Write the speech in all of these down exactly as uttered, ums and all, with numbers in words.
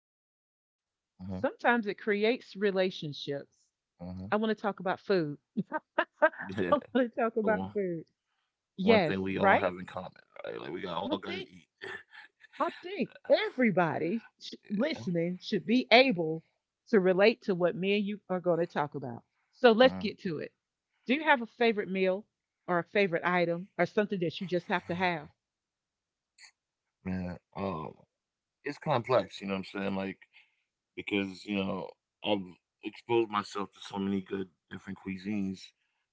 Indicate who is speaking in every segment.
Speaker 1: everyone.
Speaker 2: Uh
Speaker 1: Sometimes it creates relationships.
Speaker 2: huh.
Speaker 1: I want to talk about food. I
Speaker 2: Yeah,
Speaker 1: want to talk
Speaker 2: the
Speaker 1: about
Speaker 2: one,
Speaker 1: food.
Speaker 2: one
Speaker 1: Yes,
Speaker 2: thing we all
Speaker 1: right?
Speaker 2: have in common, right? Like we got all
Speaker 1: I
Speaker 2: gotta
Speaker 1: think
Speaker 2: eat.
Speaker 1: I think everybody sh-
Speaker 2: Yeah.
Speaker 1: listening should be able to relate to what me and you are going to talk about. So let's
Speaker 2: Huh.
Speaker 1: get to it. Do you have a favorite meal or a favorite item or something that you just have to have?
Speaker 2: Yeah. Um, it's complex. You know what I'm saying? Like because you know I've exposed myself to so many good different cuisines.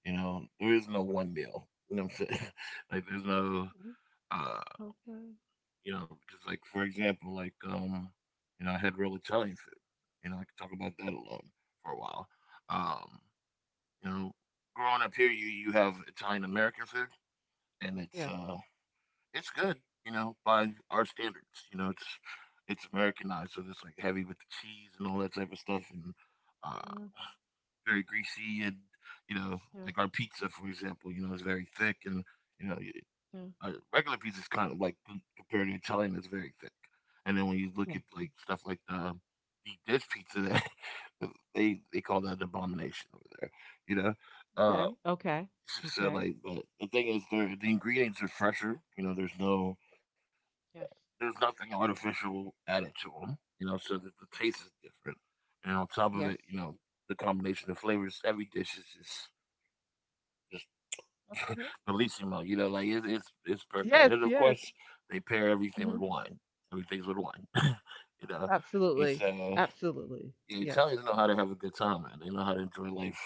Speaker 2: You know, there is no one meal. You know what I'm saying? Like there's no.
Speaker 1: Mhm.
Speaker 2: Uh,
Speaker 1: Okay.
Speaker 2: You know, because like for example, like um, you know, I had real Italian food. You know, I could talk about that alone for a while. Um, you know, growing up here, you you have Italian American food, and it's
Speaker 1: Yeah.
Speaker 2: uh, it's good. You know, by our standards, you know, it's it's Americanized, so it's like heavy with the cheese and all that type of stuff, and uh,
Speaker 1: Yeah.
Speaker 2: very greasy, and you know,
Speaker 1: Yeah.
Speaker 2: like our pizza, for example, you know, is very thick. And you know,
Speaker 1: Yeah.
Speaker 2: uh, regular pizza is kind of like com- compared to Italian, it's very thick. And then when you look
Speaker 1: Yeah.
Speaker 2: at like stuff like the deep dish pizza, that they they call that an abomination over there. You know, uh,
Speaker 1: Okay. Okay.
Speaker 2: so so,
Speaker 1: Okay.
Speaker 2: like, but the thing is, the the ingredients are fresher. You know, there's no,
Speaker 1: Yes.
Speaker 2: there's nothing artificial added to them. You know, so the, the taste is different. And on top of
Speaker 1: Yes.
Speaker 2: it, you know, the combination of flavors, every dish is just
Speaker 1: Okay.
Speaker 2: Bellissimo. You know, like it's it's it's perfect.
Speaker 1: Yes.
Speaker 2: And then of
Speaker 1: Yes.
Speaker 2: course they pair everything
Speaker 1: Hmm.
Speaker 2: with wine. Everything's with wine. You know, it's
Speaker 1: Absolutely.
Speaker 2: uh,
Speaker 1: Absolutely.
Speaker 2: yeah,
Speaker 1: Yes.
Speaker 2: Italians know how to have a good time, man. They know how to enjoy life.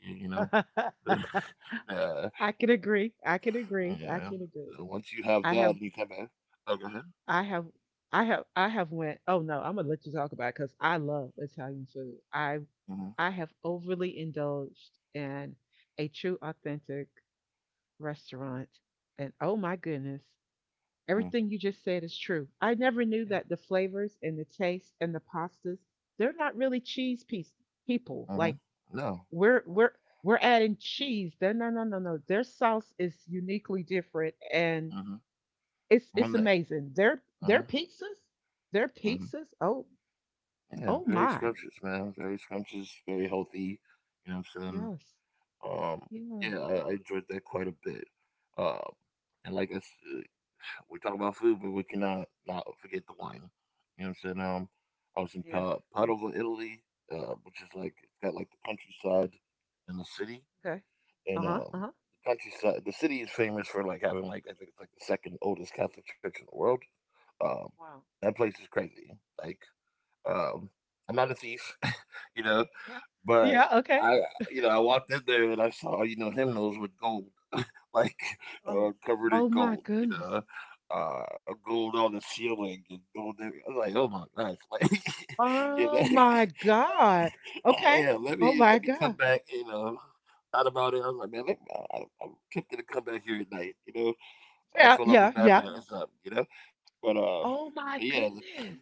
Speaker 2: You, you know, uh,
Speaker 1: I can agree. I can agree. I
Speaker 2: yeah.
Speaker 1: can agree.
Speaker 2: And once you have
Speaker 1: I
Speaker 2: that,
Speaker 1: have
Speaker 2: you come back. Oh, go ahead.
Speaker 1: I have I have I have went. Oh no, I'm gonna let you talk about it because I love Italian food. I
Speaker 2: Mhm.
Speaker 1: I have overly indulged in a true authentic restaurant, and oh my goodness,
Speaker 2: Mhm.
Speaker 1: everything you just said is true. I never knew
Speaker 2: Yeah.
Speaker 1: that the flavors and the taste and the pastas, they're not really cheese piece people.
Speaker 2: Uh huh.
Speaker 1: Like
Speaker 2: No.
Speaker 1: we're we're we're adding cheese. No, no, no, no, no. Their sauce is uniquely different, and
Speaker 2: Mhm.
Speaker 1: it's it's
Speaker 2: One day.
Speaker 1: amazing. Their their
Speaker 2: Mhm.
Speaker 1: pizzas, their
Speaker 2: Mhm.
Speaker 1: pizzas. Oh,
Speaker 2: Yeah.
Speaker 1: oh
Speaker 2: Very
Speaker 1: my.
Speaker 2: scrumptious, man. Very scrumptious. Very healthy. You know what I'm
Speaker 1: Yes,
Speaker 2: saying? Um, yeah,
Speaker 1: yes,
Speaker 2: I, I enjoyed that quite a bit. Um, and like I said, we talk about food, but we cannot not forget the wine. You know what I'm saying? Um, I was in
Speaker 1: yes.
Speaker 2: pa- Padova, Italy, uh, which is like it's got like the countryside and the city,
Speaker 1: Okay. Uh
Speaker 2: and
Speaker 1: huh. Uh
Speaker 2: um,
Speaker 1: huh.
Speaker 2: the countryside. The city is famous for like having, like I think it's like the second oldest Catholic church in the world. Um,
Speaker 1: Wow.
Speaker 2: that place is crazy. Like, um, I'm not a thief, you know,
Speaker 1: Uh-huh.
Speaker 2: but
Speaker 1: Yeah. Okay.
Speaker 2: I, you know, I walked in there and I saw, you know, hymnals with gold, like uh,
Speaker 1: Oh,
Speaker 2: covered in
Speaker 1: oh my
Speaker 2: gold, you
Speaker 1: goodness.
Speaker 2: know, uh, gold on the ceiling and gold. every- I'm like, oh my gosh, like, you
Speaker 1: Oh
Speaker 2: know,
Speaker 1: my God. Okay.
Speaker 2: yeah, let
Speaker 1: Oh
Speaker 2: me
Speaker 1: my
Speaker 2: let me come
Speaker 1: God.
Speaker 2: back, you know. Thought about it. I was like, man, let me, I, I- I'm tempted to come back here at night, you know. I
Speaker 1: Yeah.
Speaker 2: fill up a
Speaker 1: Yeah. Yeah.
Speaker 2: backpack or something, you know. But uh,
Speaker 1: Oh
Speaker 2: but
Speaker 1: my
Speaker 2: yeah,
Speaker 1: goodness.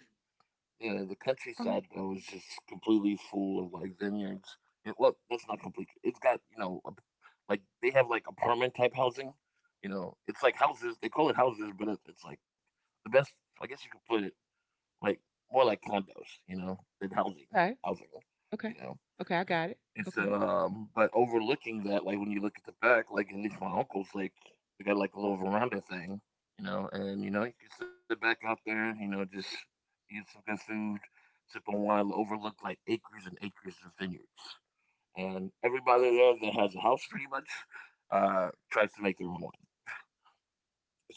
Speaker 2: yeah, the
Speaker 1: Um.
Speaker 2: countryside though is just completely full of like vineyards. And well, that's not complete. It's got, you know, a- like they have like apartment type housing. You know, it's like houses. They call it houses, but it, it's like the best. I guess you could put it like more like condos, you know, than housing.
Speaker 1: Okay.
Speaker 2: Housing.
Speaker 1: Okay.
Speaker 2: You know,
Speaker 1: Okay. I got it.
Speaker 2: it's
Speaker 1: Okay.
Speaker 2: um, but overlooking that, like when you look at the back, like at least my uncle's, like they got like a little veranda thing, you know, and you know you can sit back out there, you know, just eat some good food, sip on wine, overlook like acres and acres of vineyards, and everybody there
Speaker 1: Wow.
Speaker 2: that has a house, pretty much, uh, tries to make their own wine.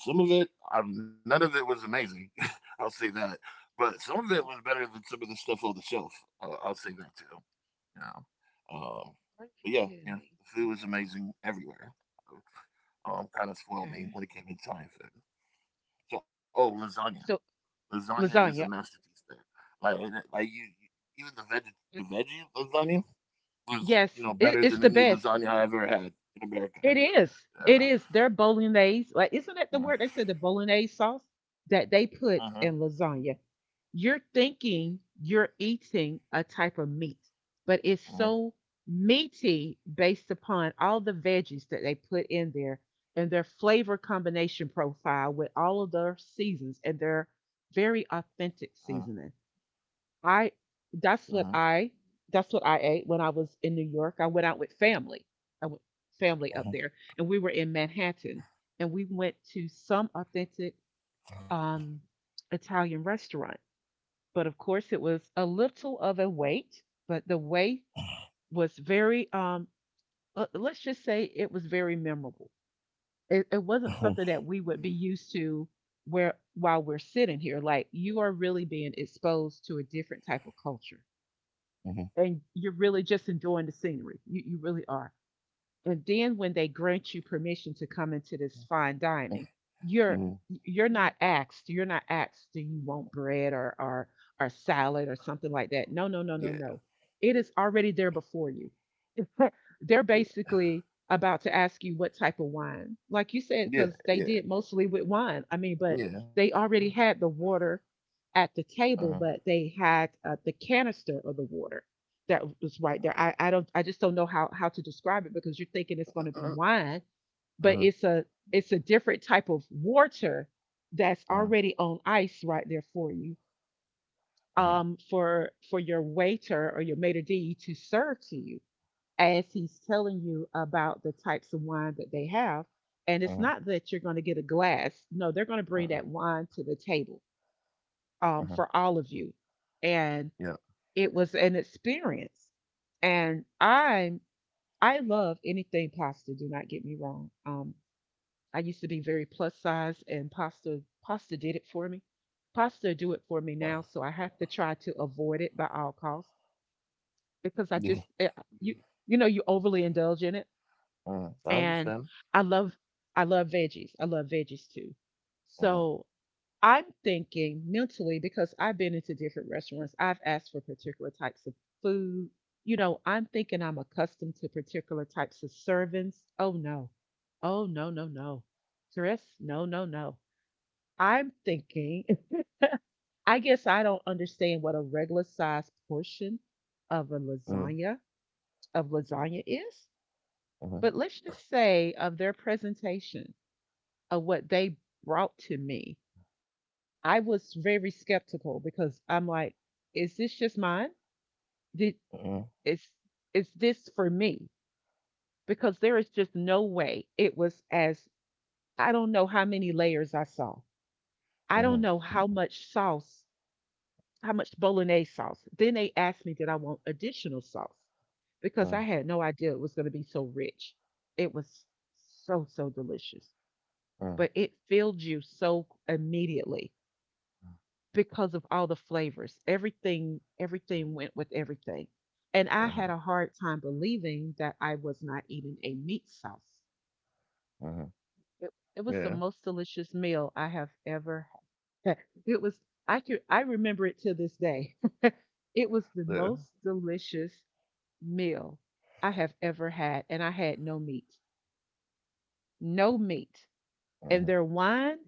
Speaker 2: Some of it, um, none of it was amazing. I'll say that. But some of it
Speaker 1: What?
Speaker 2: was better than some of the stuff on the shelf. I'll, I'll say that too. You know, um,
Speaker 1: Oh, are you
Speaker 2: but yeah,
Speaker 1: kidding me?
Speaker 2: yeah, the food was amazing everywhere. Um, kind of
Speaker 1: Okay.
Speaker 2: spoiled me when it came to Italian food. So, oh,
Speaker 1: So,
Speaker 2: lasagna.
Speaker 1: so
Speaker 2: Lasagna is a
Speaker 1: lasagna.
Speaker 2: masterpiece there. Like, and it- like you, you- even the veg,
Speaker 1: uh,
Speaker 2: the veggie lasagna was, you
Speaker 1: Yes,
Speaker 2: know,
Speaker 1: it,
Speaker 2: better
Speaker 1: it's
Speaker 2: than
Speaker 1: the
Speaker 2: any
Speaker 1: best.
Speaker 2: lasagna I ever had in
Speaker 1: It
Speaker 2: America.
Speaker 1: is. It
Speaker 2: Yeah.
Speaker 1: is their bolognese. Like, isn't that the word they said, the bolognese sauce that they
Speaker 2: Uh huh. Uh
Speaker 1: put in lasagna? You're thinking you're eating a type of meat, but it's
Speaker 2: huh.
Speaker 1: so meaty based upon all the veggies that they put in there and their flavor combination profile with all of their seasons and their
Speaker 2: Uh
Speaker 1: very authentic seasoning.
Speaker 2: huh.
Speaker 1: I that's what I that's what I ate when I was in New York. I went out with family. I went
Speaker 2: Uh huh.
Speaker 1: family up there and we were in Manhattan, and we went to some authentic um Italian restaurant. But of course it was a little of a wait, but the wait was very um uh, let's just say it was very memorable. It, it wasn't
Speaker 2: Mhm,
Speaker 1: something that we would be used to, where while we're sitting here, like, you are really being exposed to a different type of culture,
Speaker 2: mhm,
Speaker 1: and you're really just enjoying the scenery. You, you really are. And then when they grant you permission to come into this fine
Speaker 2: mhm,
Speaker 1: dining, you're
Speaker 2: mhm.
Speaker 1: you're not asked. You're not asked. Do you want bread or or or salad or something like that? No, no, no, no,
Speaker 2: Yeah,
Speaker 1: no. It is already there before you. They're
Speaker 2: yeah,
Speaker 1: basically about to ask you what type of wine. Like you said, because
Speaker 2: yeah,
Speaker 1: they did
Speaker 2: yeah,
Speaker 1: mostly with wine. I mean, but
Speaker 2: yeah.
Speaker 1: they already had the water at the
Speaker 2: Uh-huh.
Speaker 1: table, but they had uh, the canister of the water that was right there. I, I don't I just don't know how how to describe it, because you're thinking it's going to be
Speaker 2: Uh-huh.
Speaker 1: wine, but
Speaker 2: Uh-huh.
Speaker 1: it's a it's a different type of water that's
Speaker 2: Uh-huh.
Speaker 1: already on ice right there for you
Speaker 2: Uh-huh.
Speaker 1: um for for your waiter or your maitre d to serve to you as he's telling you about the types of wine that they have. And it's
Speaker 2: Uh-huh.
Speaker 1: not that you're going to get a glass. No, they're going to bring
Speaker 2: Uh-huh.
Speaker 1: that wine to the table
Speaker 2: Uh-huh.
Speaker 1: um, for all of you. And
Speaker 2: Yeah.
Speaker 1: it was an experience. And I'm I love anything pasta. Do not get me wrong. Um, I used to be very plus size, and pasta pasta did it for me. Pasta do it
Speaker 2: Uh,
Speaker 1: for me now, so I have to try to avoid it by all costs because I
Speaker 2: Yeah.
Speaker 1: just eh, you you know you overly indulge in it.
Speaker 2: Uh, I
Speaker 1: And
Speaker 2: understand.
Speaker 1: I love I love veggies. I love veggies too.
Speaker 2: Uh-huh.
Speaker 1: So I'm thinking mentally because I've been into different restaurants. I've asked for particular types of food. You know, I'm thinking I'm accustomed to particular types of servings. Oh no. Oh no, no, no. Dress? No, no, no. I'm thinking, I guess I don't understand what a regular size portion of a
Speaker 2: Uh-huh.
Speaker 1: lasagna of lasagna is.
Speaker 2: Uh-huh.
Speaker 1: But let's just say of their presentation of what they brought to me. I was very skeptical because I'm like, is this just mine? Did
Speaker 2: Uh-huh.
Speaker 1: is is this for me? Because there is just no way it was as I don't know how many layers I saw. I don't
Speaker 2: Uh-huh.
Speaker 1: know how much sauce, how much bolognese sauce. Then they asked me, did I want additional sauce? Because
Speaker 2: Uh-huh.
Speaker 1: I had no idea it was going to be so rich. It was so, so delicious,
Speaker 2: Uh-huh.
Speaker 1: but it filled you so immediately because of all the flavors. Everything everything went with everything. And I had
Speaker 2: Uh-huh.
Speaker 1: a hard time believing that I was not eating a meat sauce.
Speaker 2: Uh-huh.
Speaker 1: It, it was the
Speaker 2: Yeah.
Speaker 1: most delicious meal I have ever had. It was I could I remember it to this day. It was
Speaker 2: Yeah.
Speaker 1: the most delicious meal I have ever had, and I had no meat. No meat. And
Speaker 2: Uh-huh.
Speaker 1: their wine.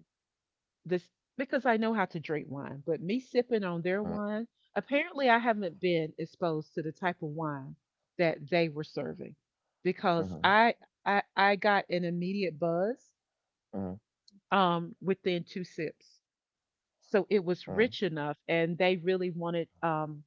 Speaker 1: This because I know how to drink wine, but me sipping
Speaker 2: Uh-huh.
Speaker 1: on their wine, apparently I haven't been exposed to the type of wine that they were serving, because
Speaker 2: Uh-huh.
Speaker 1: I I I got an immediate buzz
Speaker 2: Uh-huh.
Speaker 1: um within two sips. So
Speaker 2: Uh-huh.
Speaker 1: it was rich enough, and they really wanted um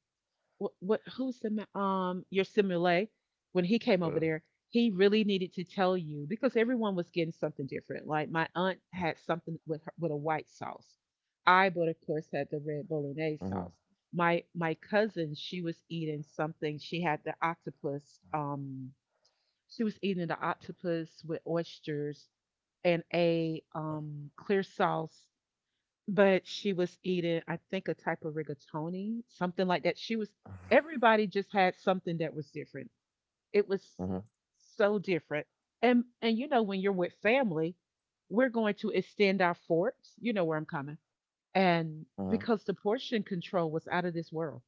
Speaker 1: what what who's the um, your simile? When he came over
Speaker 2: First.
Speaker 1: there, he really needed to tell you because everyone was getting something different. Like my aunt had something with her, with a white sauce. I but of
Speaker 2: Uh-huh.
Speaker 1: course had the red bolognese sauce. My my cousin, she was eating something. She had the octopus. Um, she was eating the octopus with oysters and a um clear sauce, but she was eating, I think, a type of rigatoni, something like that. She was, everybody just had something that was different. It was
Speaker 2: Uh-huh.
Speaker 1: so different. And and you know, when you're with family, we're going to extend our forks. You know where I'm coming.
Speaker 2: Uh-huh.
Speaker 1: And because the portion control was out of this world.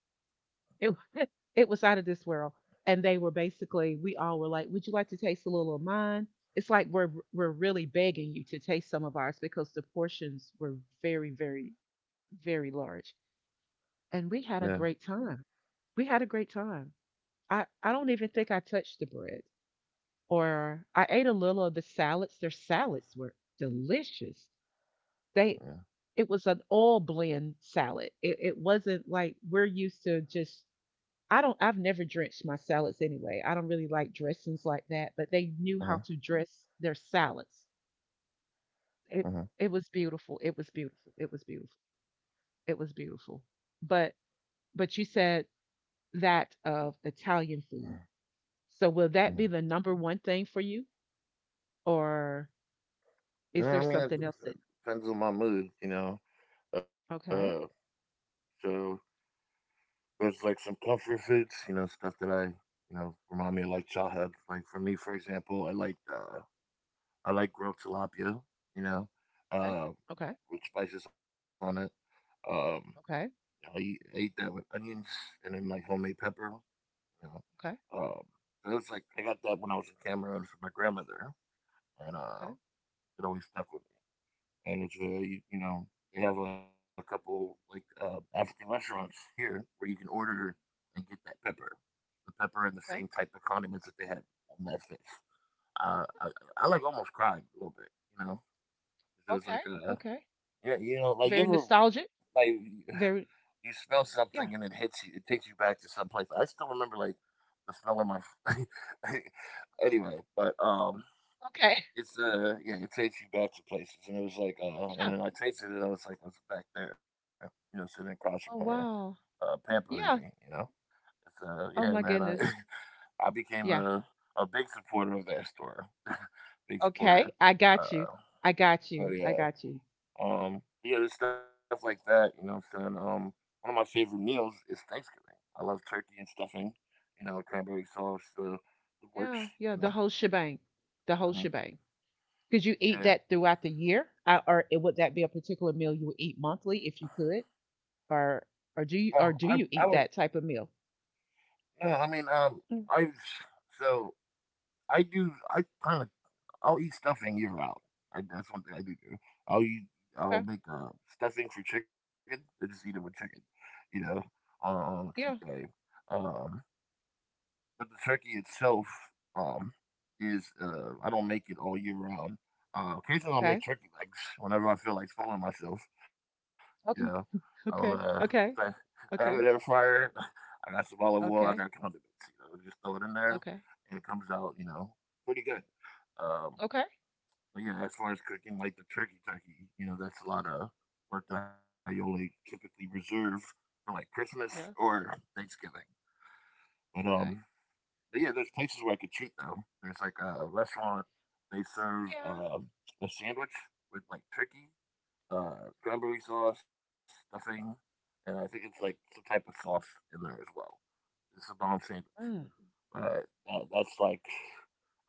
Speaker 1: It it was out of this world. And they were basically, we all were like, would you like to taste a little of mine? It's like we're we're really begging you to taste some of ours because the portions were very, very very large.
Speaker 2: Yeah.
Speaker 1: And we had a great time. We had a great time. I, I don't even think I touched the bread or I ate a little of the salads. Their salads were delicious. They
Speaker 2: Yeah.
Speaker 1: it was an all blend salad. It, it wasn't like we're used to just I don't I've never drenched my salads anyway. I don't really like dressings like that, but they knew
Speaker 2: Uh-huh.
Speaker 1: how to dress their salads. It
Speaker 2: Uh-huh.
Speaker 1: it was beautiful. It was beautiful. It was beautiful. It was beautiful. But but you said that of Italian food. So will that
Speaker 2: Uh-huh.
Speaker 1: be the number one thing for you, or
Speaker 2: You
Speaker 1: is
Speaker 2: know,
Speaker 1: there
Speaker 2: I mean, it
Speaker 1: something else that?
Speaker 2: depends on my mood, you know. Uh,
Speaker 1: Okay,
Speaker 2: so there's like some comfort foods, you know, stuff that I, you know, remind me of like childhood. Like for me, for example, I like, uh, I like grilled tilapia, you know,
Speaker 1: okay,
Speaker 2: uh,
Speaker 1: okay,
Speaker 2: with spices on it. Um, I
Speaker 1: okay,
Speaker 2: eat, I eat that with onions and then like homemade pepper. You know,
Speaker 1: okay,
Speaker 2: um, so it was like I got that when I was in Cameroon from my grandmother, and uh, it always stuck with me. And it's very, you know, they have a couple like uh, African restaurants here where you can order and get that pepper. The pepper and the same
Speaker 1: okay, okay,
Speaker 2: type of condiments that they had on that fish. Uh, I, I like almost cried a little bit, you know. It was
Speaker 1: okay,
Speaker 2: like a,
Speaker 1: okay.
Speaker 2: yeah, you know, like you
Speaker 1: Very
Speaker 2: ever,
Speaker 1: nostalgic.
Speaker 2: like you
Speaker 1: Very
Speaker 2: smell something and it
Speaker 1: yeah.
Speaker 2: hits you, it takes you back to some place. I still remember like the smell in my anyway, but um,
Speaker 1: Okay.
Speaker 2: it's, uh, yeah, it takes you back to places, and it was like, uh,
Speaker 1: Yeah.
Speaker 2: and then I tasted it, I was like, I was back there, you know, sitting across from her,
Speaker 1: Oh wow.
Speaker 2: uh, pampering me, you
Speaker 1: Yeah.
Speaker 2: know. So yeah,
Speaker 1: Oh my
Speaker 2: man, I
Speaker 1: goodness.
Speaker 2: I became
Speaker 1: Yeah.
Speaker 2: a a big supporter of that store, big
Speaker 1: Okay.
Speaker 2: supporter.
Speaker 1: I got you.
Speaker 2: Uh,
Speaker 1: I got
Speaker 2: but
Speaker 1: you. I
Speaker 2: yeah,
Speaker 1: got you.
Speaker 2: um, yeah, there's stuff like that. You know what I'm saying? Um, one of my favorite meals is Thanksgiving. I love turkey and stuffing. You know, cranberry sauce, the the works.
Speaker 1: Yeah.
Speaker 2: You
Speaker 1: Yeah.
Speaker 2: know,
Speaker 1: The whole shebang. The whole
Speaker 2: uh
Speaker 1: shebang. Could you eat
Speaker 2: yeah.
Speaker 1: that throughout the year? Uh, or it- would that be a particular meal you would eat monthly if you could? Or or
Speaker 2: Um,
Speaker 1: do you
Speaker 2: I
Speaker 1: or do
Speaker 2: I was
Speaker 1: you eat that type of meal?
Speaker 2: No, I mean, um,
Speaker 1: Mm,
Speaker 2: I so I do. I kind of. I'll eat stuffing year round. I, that's one thing I do do. I'll eat. I'll
Speaker 1: okay.
Speaker 2: make uh, stuffing for chicken. I just eat it with chicken. You know, on on a cheat day.
Speaker 1: Yeah.
Speaker 2: Um, but the turkey itself, um, is. Uh, I don't make it all year round. Uh, occasionally, I'll make
Speaker 1: Okay.
Speaker 2: turkey legs whenever I feel like spoiling myself. You know,
Speaker 1: Okay.
Speaker 2: I'll, uh,
Speaker 1: Okay.
Speaker 2: I
Speaker 1: Okay.
Speaker 2: I have an air
Speaker 1: Okay.
Speaker 2: fryer. I got some olive oil. I got
Speaker 1: Okay.
Speaker 2: condiments. You know, just throw it in there,
Speaker 1: Okay.
Speaker 2: and it comes out, you know, pretty good. Um,
Speaker 1: Okay.
Speaker 2: but yeah, as far as cooking like the turkey turkey, you know, that's a lot of work that I only typically reserve for like Christmas
Speaker 1: Yeah.
Speaker 2: or Thanksgiving. But um,
Speaker 1: Okay.
Speaker 2: but yeah, there's places where I could cheat though. There's like a restaurant, they serve
Speaker 1: Yeah.
Speaker 2: um a sandwich with like turkey, uh, cranberry sauce, stuffing, and I think it's like some type of sauce in there as well. It's a bomb sandwich.
Speaker 1: Mm.
Speaker 2: Uh, that, that's like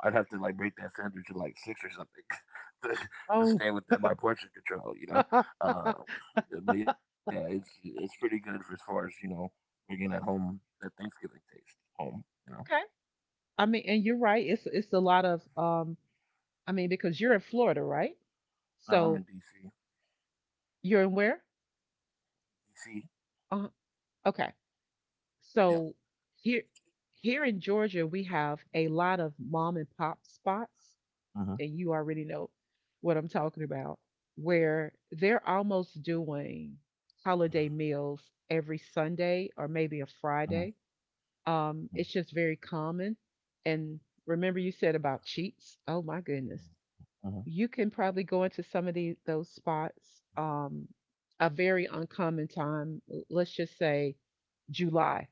Speaker 2: I'd have to like break that sandwich in like six or something to, to
Speaker 1: Oh.
Speaker 2: stay within my portion control, you know. Uh, but yeah, it's it's pretty good for as far as, you know, bringing at home that Thanksgiving taste home, you know.
Speaker 1: Okay. I mean, and you're right. It's it's a lot of um. I mean, because you're in Florida, right?
Speaker 2: No,
Speaker 1: So
Speaker 2: I'm in D C.
Speaker 1: you're in where?
Speaker 2: D C.
Speaker 1: Uh, okay.
Speaker 2: Yeah.
Speaker 1: So here here in Georgia, we have a lot of mom and pop spots,
Speaker 2: Mhm.
Speaker 1: and you already know what I'm talking about, where they're almost doing holiday meals every Sunday or maybe a
Speaker 2: Mhm.
Speaker 1: Friday. Um, it's just very common. And remember, you said about cheats. Oh my goodness,
Speaker 2: Mhm.
Speaker 1: you can probably go into some of the those spots. Um, a very uncommon time. Let's just say July,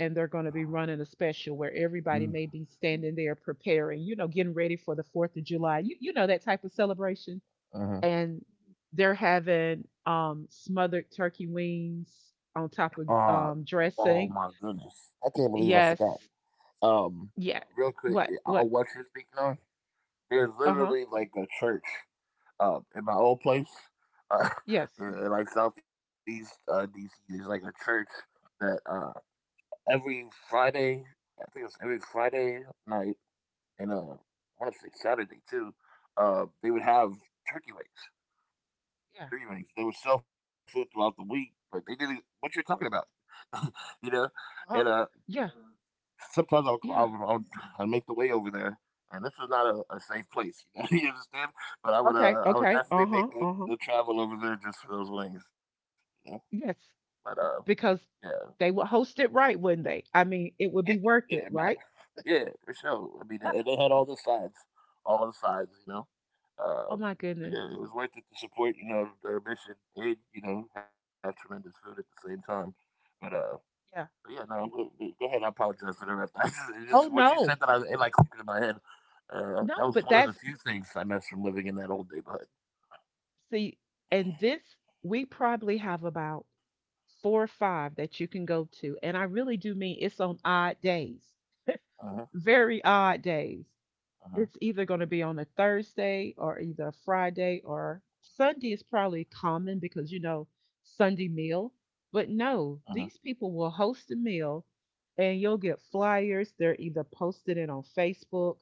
Speaker 1: and they're going to be running a special where everybody
Speaker 2: Mhm.
Speaker 1: may be standing there preparing, you know, getting ready for the fourth of July, you, you know, that type of celebration.
Speaker 2: Uh huh.
Speaker 1: And they're having um, smothered turkey wings on top of
Speaker 2: Uh
Speaker 1: um,
Speaker 2: Oh my
Speaker 1: dressing.
Speaker 2: goodness! I can't
Speaker 1: Y-
Speaker 2: believe I forgot.
Speaker 1: Yes.
Speaker 2: um
Speaker 1: Yeah.
Speaker 2: Real quick,
Speaker 1: What?
Speaker 2: uh,
Speaker 1: What?
Speaker 2: on what you're speaking on, there's
Speaker 1: Uh huh.
Speaker 2: literally like a church, um in my old place, uh,
Speaker 1: Yes.
Speaker 2: in, in, like Southeast, uh DC, there's like a church that, uh every Friday, I think it's every Friday night, and uh I want to say Saturday too, uh they would have turkey wings,
Speaker 1: Yeah.
Speaker 2: turkey wings. They would sell food throughout the week, but they didn't what you're talking about. You know, and uh
Speaker 1: Uh huh. Yeah.
Speaker 2: sometimes I'll,
Speaker 1: Yeah.
Speaker 2: I'll, I'll, I'll make the way over there, and this is not a, a safe place. You know? You understand? But I would,
Speaker 1: Okay.
Speaker 2: uh, I would
Speaker 1: Okay. Uh
Speaker 2: definitely
Speaker 1: huh.
Speaker 2: make the,
Speaker 1: Uh huh.
Speaker 2: the travel over there just for those wings. You know?
Speaker 1: Yes.
Speaker 2: But uh,
Speaker 1: Because
Speaker 2: yeah,
Speaker 1: they would host it right, wouldn't they? I mean, it
Speaker 2: yeah,
Speaker 1: would be worth
Speaker 2: yeah,
Speaker 1: it,
Speaker 2: Matt.
Speaker 1: right?
Speaker 2: Yeah, for sure. I mean, and they had all the sides, all the sides. You know,
Speaker 1: Oh
Speaker 2: uh,
Speaker 1: my goodness.
Speaker 2: yeah, it was worth it to support. You know, their mission, and you know, have tremendous food at the same time. But uh, yeah, no, I'm go, go go ahead. I apologize for that. I just, it just
Speaker 1: Oh,
Speaker 2: what you said that
Speaker 1: no.
Speaker 2: I it like clicked in my head. Uh, that
Speaker 1: No,
Speaker 2: was
Speaker 1: but
Speaker 2: one of the
Speaker 1: that's,
Speaker 2: few things I missed from living in that old neighborhood.
Speaker 1: see, and this, we probably have about four or five that you can go to, and I really do mean it's on odd days,
Speaker 2: Uh-huh,
Speaker 1: very odd days.
Speaker 2: uh-huh,
Speaker 1: It's either gonna be on a Thursday or either a Friday, or Sunday is probably common because, you know, Sunday meal. But
Speaker 2: uh-huh.
Speaker 1: no, these people will host a meal and you'll get flyers. They're either posted it on Facebook.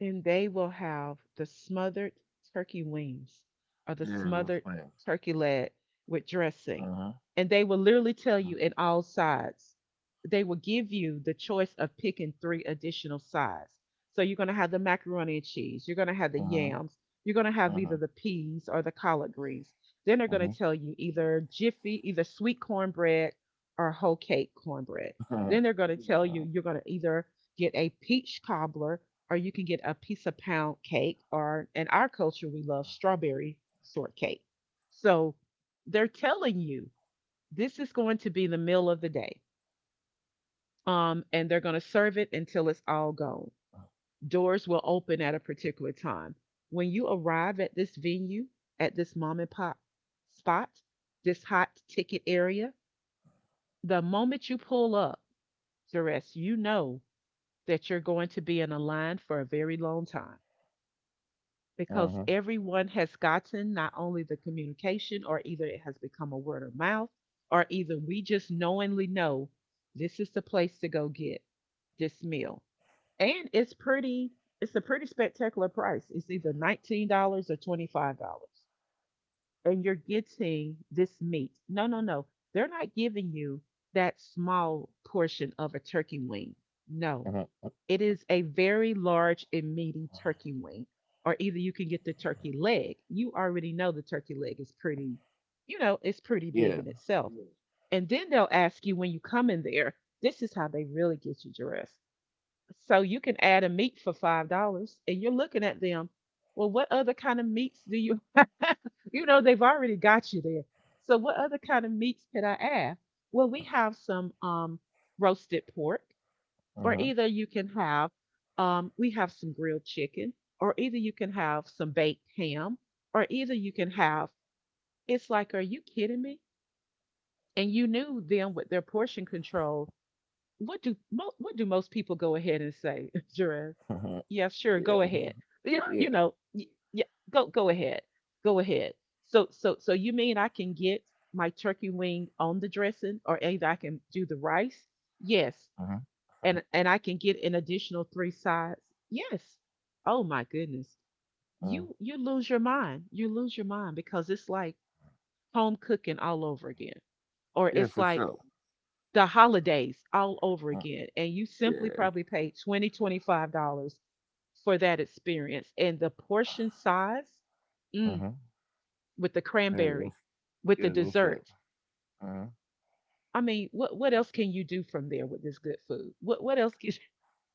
Speaker 1: Then they will have the smothered turkey wings or the
Speaker 2: Yeah, that was
Speaker 1: smothered
Speaker 2: funny.
Speaker 1: turkey leg with
Speaker 2: Uh-huh,
Speaker 1: dressing. And they will literally
Speaker 2: uh-huh,
Speaker 1: tell you in all sides. They will give you the choice of picking three additional sides. So you're going to have the macaroni and cheese, you're going to have the
Speaker 2: uh-huh,
Speaker 1: yams, you're going to have either
Speaker 2: uh-huh,
Speaker 1: the peas or the collard greens. Then they're going to tell you either jiffy, either sweet cornbread or whole cake cornbread.
Speaker 2: uh-huh,
Speaker 1: Then they're going to tell
Speaker 2: uh-huh,
Speaker 1: you you're going to either get a peach cobbler, or you can get a piece of pound cake, or in our culture, we love strawberry shortcake. So they're telling you this is going to be the meal of the day. Um, and they're going to serve it until it's all gone. Doors will open at a particular time. When you arrive at this venue, at this mom and pop spot, this hot ticket area, the moment you pull up, Zaress, you know that you're going to be in a line for a very long time, because
Speaker 2: uh-huh,
Speaker 1: everyone has gotten not only the communication, or either it has become a word of mouth, or either we just knowingly know this is the place to go get this meal, and it's pretty, it's a pretty spectacular price. It's either nineteen dollars or twenty-five dollars, and you're getting this meat. No, no, no, they're not giving you that small portion of a turkey wing. No,
Speaker 2: uh-huh.
Speaker 1: it is a very large and meaty turkey wing, or either you can get the turkey leg. You already know the turkey leg is pretty, you know, it's pretty big
Speaker 2: Yeah,
Speaker 1: in itself. Yeah. And then they'll ask you when you come in there, this is how they really get you dressed. So you can add a meat for five dollars, and you're looking at them, well, what other kind of meats do you have? You know, they've already got you there. So what other kind of meats could I add? Well, we have some um roasted pork, or
Speaker 2: uh-huh,
Speaker 1: either you can have, um, we have some grilled chicken, or either you can have some baked ham, or either you can have, it's like, are you kidding me? And you knew them with their portion control. What do mo- what do most people go ahead and say, Jerez?
Speaker 2: uh-huh,
Speaker 1: Yeah, sure,
Speaker 2: yeah,
Speaker 1: go ahead. You know,
Speaker 2: yeah,
Speaker 1: you know, y- yeah, go go ahead go ahead. So so so you mean I can get my turkey wing on the dressing, or either I can do the rice? Yes.
Speaker 2: uh-huh,
Speaker 1: And and I can get an additional three sides. Yes. Oh my goodness.
Speaker 2: uh,
Speaker 1: You you lose your mind. You lose your mind, because it's like home cooking all over again. Or
Speaker 2: yeah,
Speaker 1: it's
Speaker 2: for
Speaker 1: like
Speaker 2: sure.
Speaker 1: the holidays all over
Speaker 2: Uh,
Speaker 1: again. And you simply
Speaker 2: yeah,
Speaker 1: probably paid twenty twenty five dollars for that experience. And the portion size, mm,
Speaker 2: uh-huh,
Speaker 1: with the
Speaker 2: yeah,
Speaker 1: cranberry,
Speaker 2: that's,
Speaker 1: with the
Speaker 2: yeah, that's
Speaker 1: dessert.
Speaker 2: it. Uh-huh.
Speaker 1: I mean, what what else can you do from there with this good food? What what else can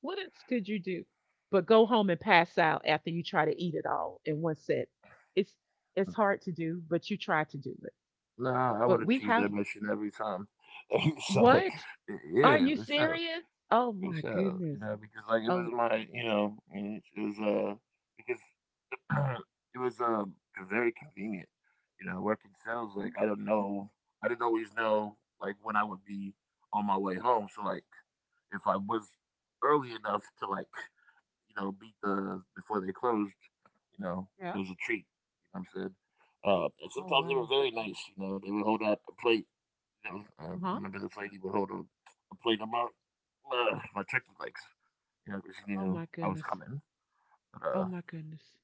Speaker 1: What else could you do but go home and pass out after you try to eat it all in one set? It's it's hard to do, but you try to do it.
Speaker 2: Nah, I would
Speaker 1: But we
Speaker 2: achieve
Speaker 1: have,
Speaker 2: that mission every time. so,
Speaker 1: what? Are
Speaker 2: yeah,
Speaker 1: you
Speaker 2: for sure.
Speaker 1: serious? Oh
Speaker 2: Good
Speaker 1: my
Speaker 2: show, you
Speaker 1: goodness.
Speaker 2: know, because, like, it
Speaker 1: Oh.
Speaker 2: was my you know, And it was, uh because it was, uh very convenient, you know, working sales,
Speaker 1: Okay.
Speaker 2: like, I don't know, I didn't always know, like, when I would be on my way home. So, like, if I was early enough to, like, you know, beat the before they closed, you know, it
Speaker 1: Yeah.
Speaker 2: was a treat. You know what I'm saying? Uh, and
Speaker 1: Oh
Speaker 2: sometimes they were
Speaker 1: wow.
Speaker 2: very nice. You know, they would hold out a plate. You know, I
Speaker 1: Uh-huh.
Speaker 2: remember this lady would hold a a plate of my, uh, my turkey legs, you know, just
Speaker 1: Oh my
Speaker 2: knew I was
Speaker 1: goodness.
Speaker 2: coming. But
Speaker 1: Oh
Speaker 2: uh,
Speaker 1: my goodness.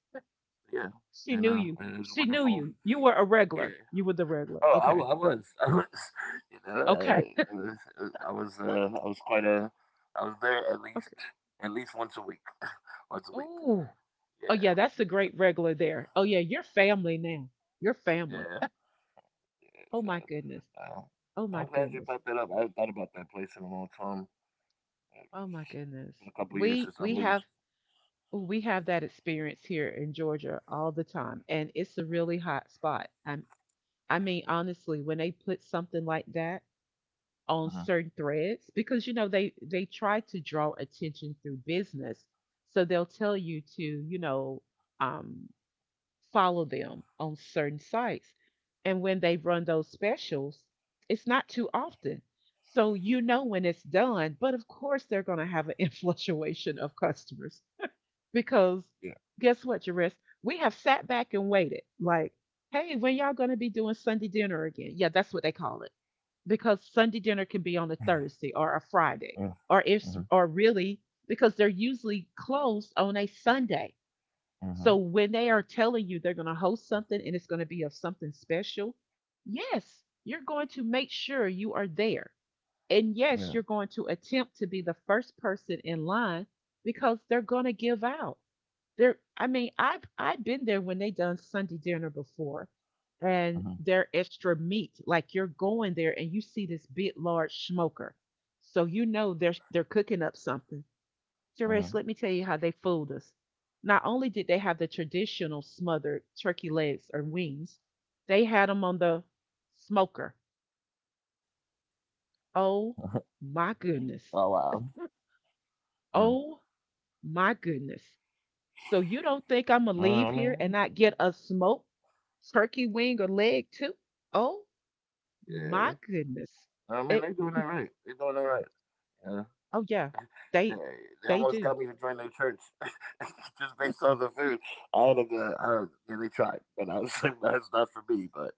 Speaker 2: yeah,
Speaker 1: She knew
Speaker 2: and uh,
Speaker 1: you.
Speaker 2: it was
Speaker 1: She knew you.
Speaker 2: wonderful.
Speaker 1: You were a regular.
Speaker 2: Yeah.
Speaker 1: You were the regular.
Speaker 2: Oh, I, wa-
Speaker 1: Okay.
Speaker 2: I was, I was, you know, uh,
Speaker 1: Okay.
Speaker 2: it was, uh, I was, uh, I was quite a, I was there at least,
Speaker 1: Okay.
Speaker 2: at least once a week, once a week.
Speaker 1: Oh.
Speaker 2: Yeah,
Speaker 1: Oh yeah, that's a great regular there. Oh yeah, you're family now. You're family.
Speaker 2: yeah, yeah. So,
Speaker 1: Oh my goodness.
Speaker 2: uh,
Speaker 1: Oh
Speaker 2: I'm
Speaker 1: my
Speaker 2: glad you brought
Speaker 1: goodness.
Speaker 2: that up. I haven't thought about that place in a long time. Uh,
Speaker 1: Oh my
Speaker 2: It's
Speaker 1: goodness.
Speaker 2: been a couple years since
Speaker 1: We
Speaker 2: I
Speaker 1: we
Speaker 2: moved.
Speaker 1: have, oh, we have that experience here in Georgia all the time, and it's a really hot spot. i I mean, honestly, when they put something like that on
Speaker 2: hmm
Speaker 1: certain threads, because you know they they try to draw attention through business. So they'll tell you to, you know, um follow them on certain sites. And when they run those specials, it's not too often. So you know when it's done, but of course they're going to have an influctuation of customers, because
Speaker 2: Yeah.
Speaker 1: guess what, Jerris? We have sat back and waited. Like, hey, when y'all going to be doing Sunday dinner again? Yeah, that's what they call it, because Sunday dinner can be on a Thursday or a Friday,
Speaker 2: Yeah.
Speaker 1: or if,
Speaker 2: hmm
Speaker 1: or really, because they're usually closed on a Sunday. So
Speaker 2: hmm
Speaker 1: when they are telling you they're going to host something and it's going to be of something special, yes, you're going to make sure you are there. And
Speaker 2: Yeah.
Speaker 1: yes, you're going to attempt to be the first person in line, because they're going to give out. They're, I mean, I've I've been there when they done Sunday dinner before, and
Speaker 2: hmm
Speaker 1: their extra meat. Like, you're going there and you see this big large smoker. So you know they're they're cooking up something. Suresh,
Speaker 2: hmm
Speaker 1: let me tell you how they fooled us. Not only did they have the traditional smothered turkey legs or wings, they had them on the smoker. Oh
Speaker 2: Oh wow.
Speaker 1: my goodness.
Speaker 2: Mm.
Speaker 1: Oh my goodness. So you
Speaker 2: No,
Speaker 1: don't
Speaker 2: I
Speaker 1: think I'm gonna
Speaker 2: mean,
Speaker 1: leave here and not get a smoked turkey wing or leg too? Oh
Speaker 2: Yeah.
Speaker 1: my
Speaker 2: I
Speaker 1: goodness.
Speaker 2: mean, they doing that
Speaker 1: It.
Speaker 2: right. They doing that right. Yeah.
Speaker 1: Oh yeah.
Speaker 2: Yeah,
Speaker 1: They
Speaker 2: they
Speaker 1: they
Speaker 2: almost got
Speaker 1: do.
Speaker 2: me to join their church just based on the food. All of the, uh, yeah, They tried, but I was like, that's not for me. But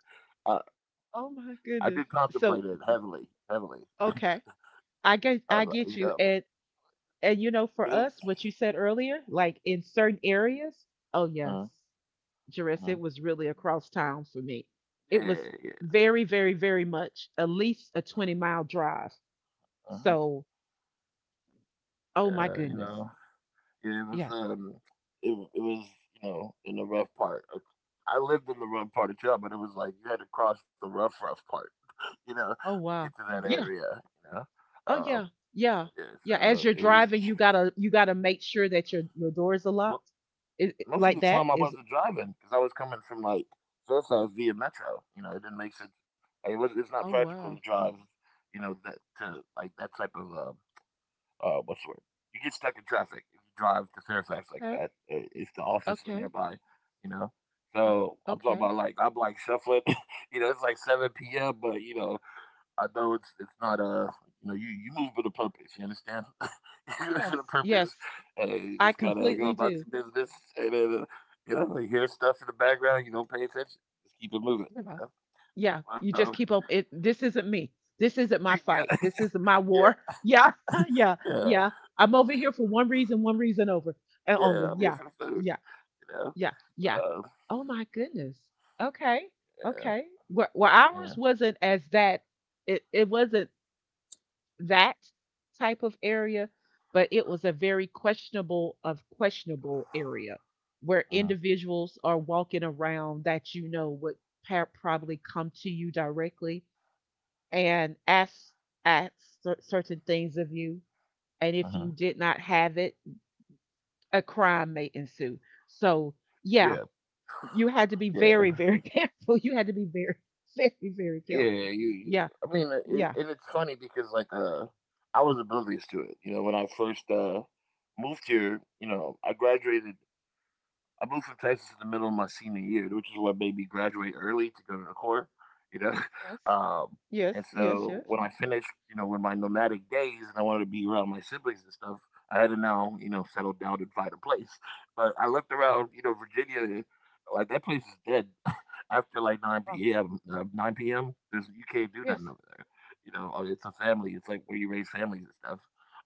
Speaker 2: I,
Speaker 1: Oh
Speaker 2: I
Speaker 1: my
Speaker 2: did
Speaker 1: goodness.
Speaker 2: contemplate it
Speaker 1: So
Speaker 2: heavily, heavily. I
Speaker 1: okay. I get
Speaker 2: was
Speaker 1: I
Speaker 2: like, you
Speaker 1: get
Speaker 2: know,
Speaker 1: you.
Speaker 2: but
Speaker 1: And And you know,
Speaker 2: it
Speaker 1: for
Speaker 2: was,
Speaker 1: us, what you said earlier, like in certain areas, oh yes,
Speaker 2: uh,
Speaker 1: Jerris, it
Speaker 2: uh,
Speaker 1: was really across town for me. It
Speaker 2: yeah,
Speaker 1: was
Speaker 2: yeah,
Speaker 1: very, very, very much at least a twenty mile drive.
Speaker 2: uh-huh,
Speaker 1: So, oh my
Speaker 2: yeah, you
Speaker 1: goodness.
Speaker 2: know, yeah, it was,
Speaker 1: Yeah.
Speaker 2: um, it, w- it was, you know, in the rough part. Of, I lived in the rough part of jail, but it was like you had to cross the rough, rough part, you know,
Speaker 1: Oh
Speaker 2: to get
Speaker 1: wow.
Speaker 2: to that
Speaker 1: Yeah.
Speaker 2: area. You know.
Speaker 1: Oh
Speaker 2: Um,
Speaker 1: yeah. Yeah.
Speaker 2: yeah,
Speaker 1: Yeah. As
Speaker 2: so
Speaker 1: you're
Speaker 2: it was
Speaker 1: driving, you gotta, you gotta make sure that your your doors are
Speaker 2: mo-
Speaker 1: locked. Is it
Speaker 2: most of
Speaker 1: like
Speaker 2: the
Speaker 1: that?
Speaker 2: time I
Speaker 1: Is it,
Speaker 2: wasn't driving because I was coming from like Surfside via Metro. You know, it didn't make sense. Like, it was, it's not
Speaker 1: oh
Speaker 2: practical to
Speaker 1: wow.
Speaker 2: drive, you know, that to like that type of um, uh, what's the word? You get stuck in traffic if you drive to Fairfax like
Speaker 1: Okay.
Speaker 2: that. i- If the office is
Speaker 1: Okay.
Speaker 2: nearby, you know.
Speaker 1: Okay.
Speaker 2: So I'm talking
Speaker 1: Okay.
Speaker 2: about like I'm like shuffling, you know. It's like seven p m, but you know I know it's it's not a, you know, you you move with a purpose. You understand? You move with a
Speaker 1: Yes.
Speaker 2: purpose,
Speaker 1: Yes.
Speaker 2: and you
Speaker 1: I
Speaker 2: just gotta go
Speaker 1: completely
Speaker 2: about
Speaker 1: do.
Speaker 2: your business. And then uh, you know, you hear stuff in the background. You don't pay attention. Just keep it moving.
Speaker 1: Yeah.
Speaker 2: You know?
Speaker 1: Yeah, you
Speaker 2: Um,
Speaker 1: just keep on it, this isn't me. This isn't my
Speaker 2: yeah,
Speaker 1: fight. This isn't my war.
Speaker 2: yeah,
Speaker 1: Yeah, yeah,
Speaker 2: yeah,
Speaker 1: yeah. I'm over here for one reason, one reason over and
Speaker 2: yeah.
Speaker 1: only.
Speaker 2: I'm here
Speaker 1: Yeah,
Speaker 2: for the food.
Speaker 1: yeah,
Speaker 2: You know,
Speaker 1: yeah,
Speaker 2: but
Speaker 1: yeah.
Speaker 2: uh,
Speaker 1: Oh my goodness. Okay,
Speaker 2: yeah,
Speaker 1: okay. Well, well ours
Speaker 2: yeah,
Speaker 1: wasn't as that. It it wasn't that type of area, but it was a very questionable of questionable area where
Speaker 2: uh-huh,
Speaker 1: individuals are walking around that you know would pa- probably come to you directly and ask, ask cer- certain things of you. And if
Speaker 2: uh-huh.
Speaker 1: you did not have it, a crime may ensue. So yeah,
Speaker 2: yeah,
Speaker 1: you had to be
Speaker 2: yeah,
Speaker 1: very, very, careful. You had to be very, very, very
Speaker 2: yeah.
Speaker 1: careful.
Speaker 2: You, you
Speaker 1: Yeah,
Speaker 2: I mean, uh, it,
Speaker 1: yeah.
Speaker 2: and it's funny because like uh, I was oblivious to it. You know, when I first uh moved here, you know, I graduated I moved from Texas in the middle of my senior year, which is what made me graduate early to go to the Corps, you know.
Speaker 1: Yes,
Speaker 2: Um, and
Speaker 1: yes, yes,
Speaker 2: so
Speaker 1: yes.
Speaker 2: when I finished, you know, with my nomadic days and I wanted to be around my siblings and stuff, I had to now, you know, settle down and find a place. But I looked around, you know, Virginia, and, like, that place is dead after like
Speaker 1: Oh,
Speaker 2: nine p m. Uh, nine p m. There's, you can't do
Speaker 1: yes.
Speaker 2: nothing over there. You know, uh, it's a family. It's like where you raise families and stuff.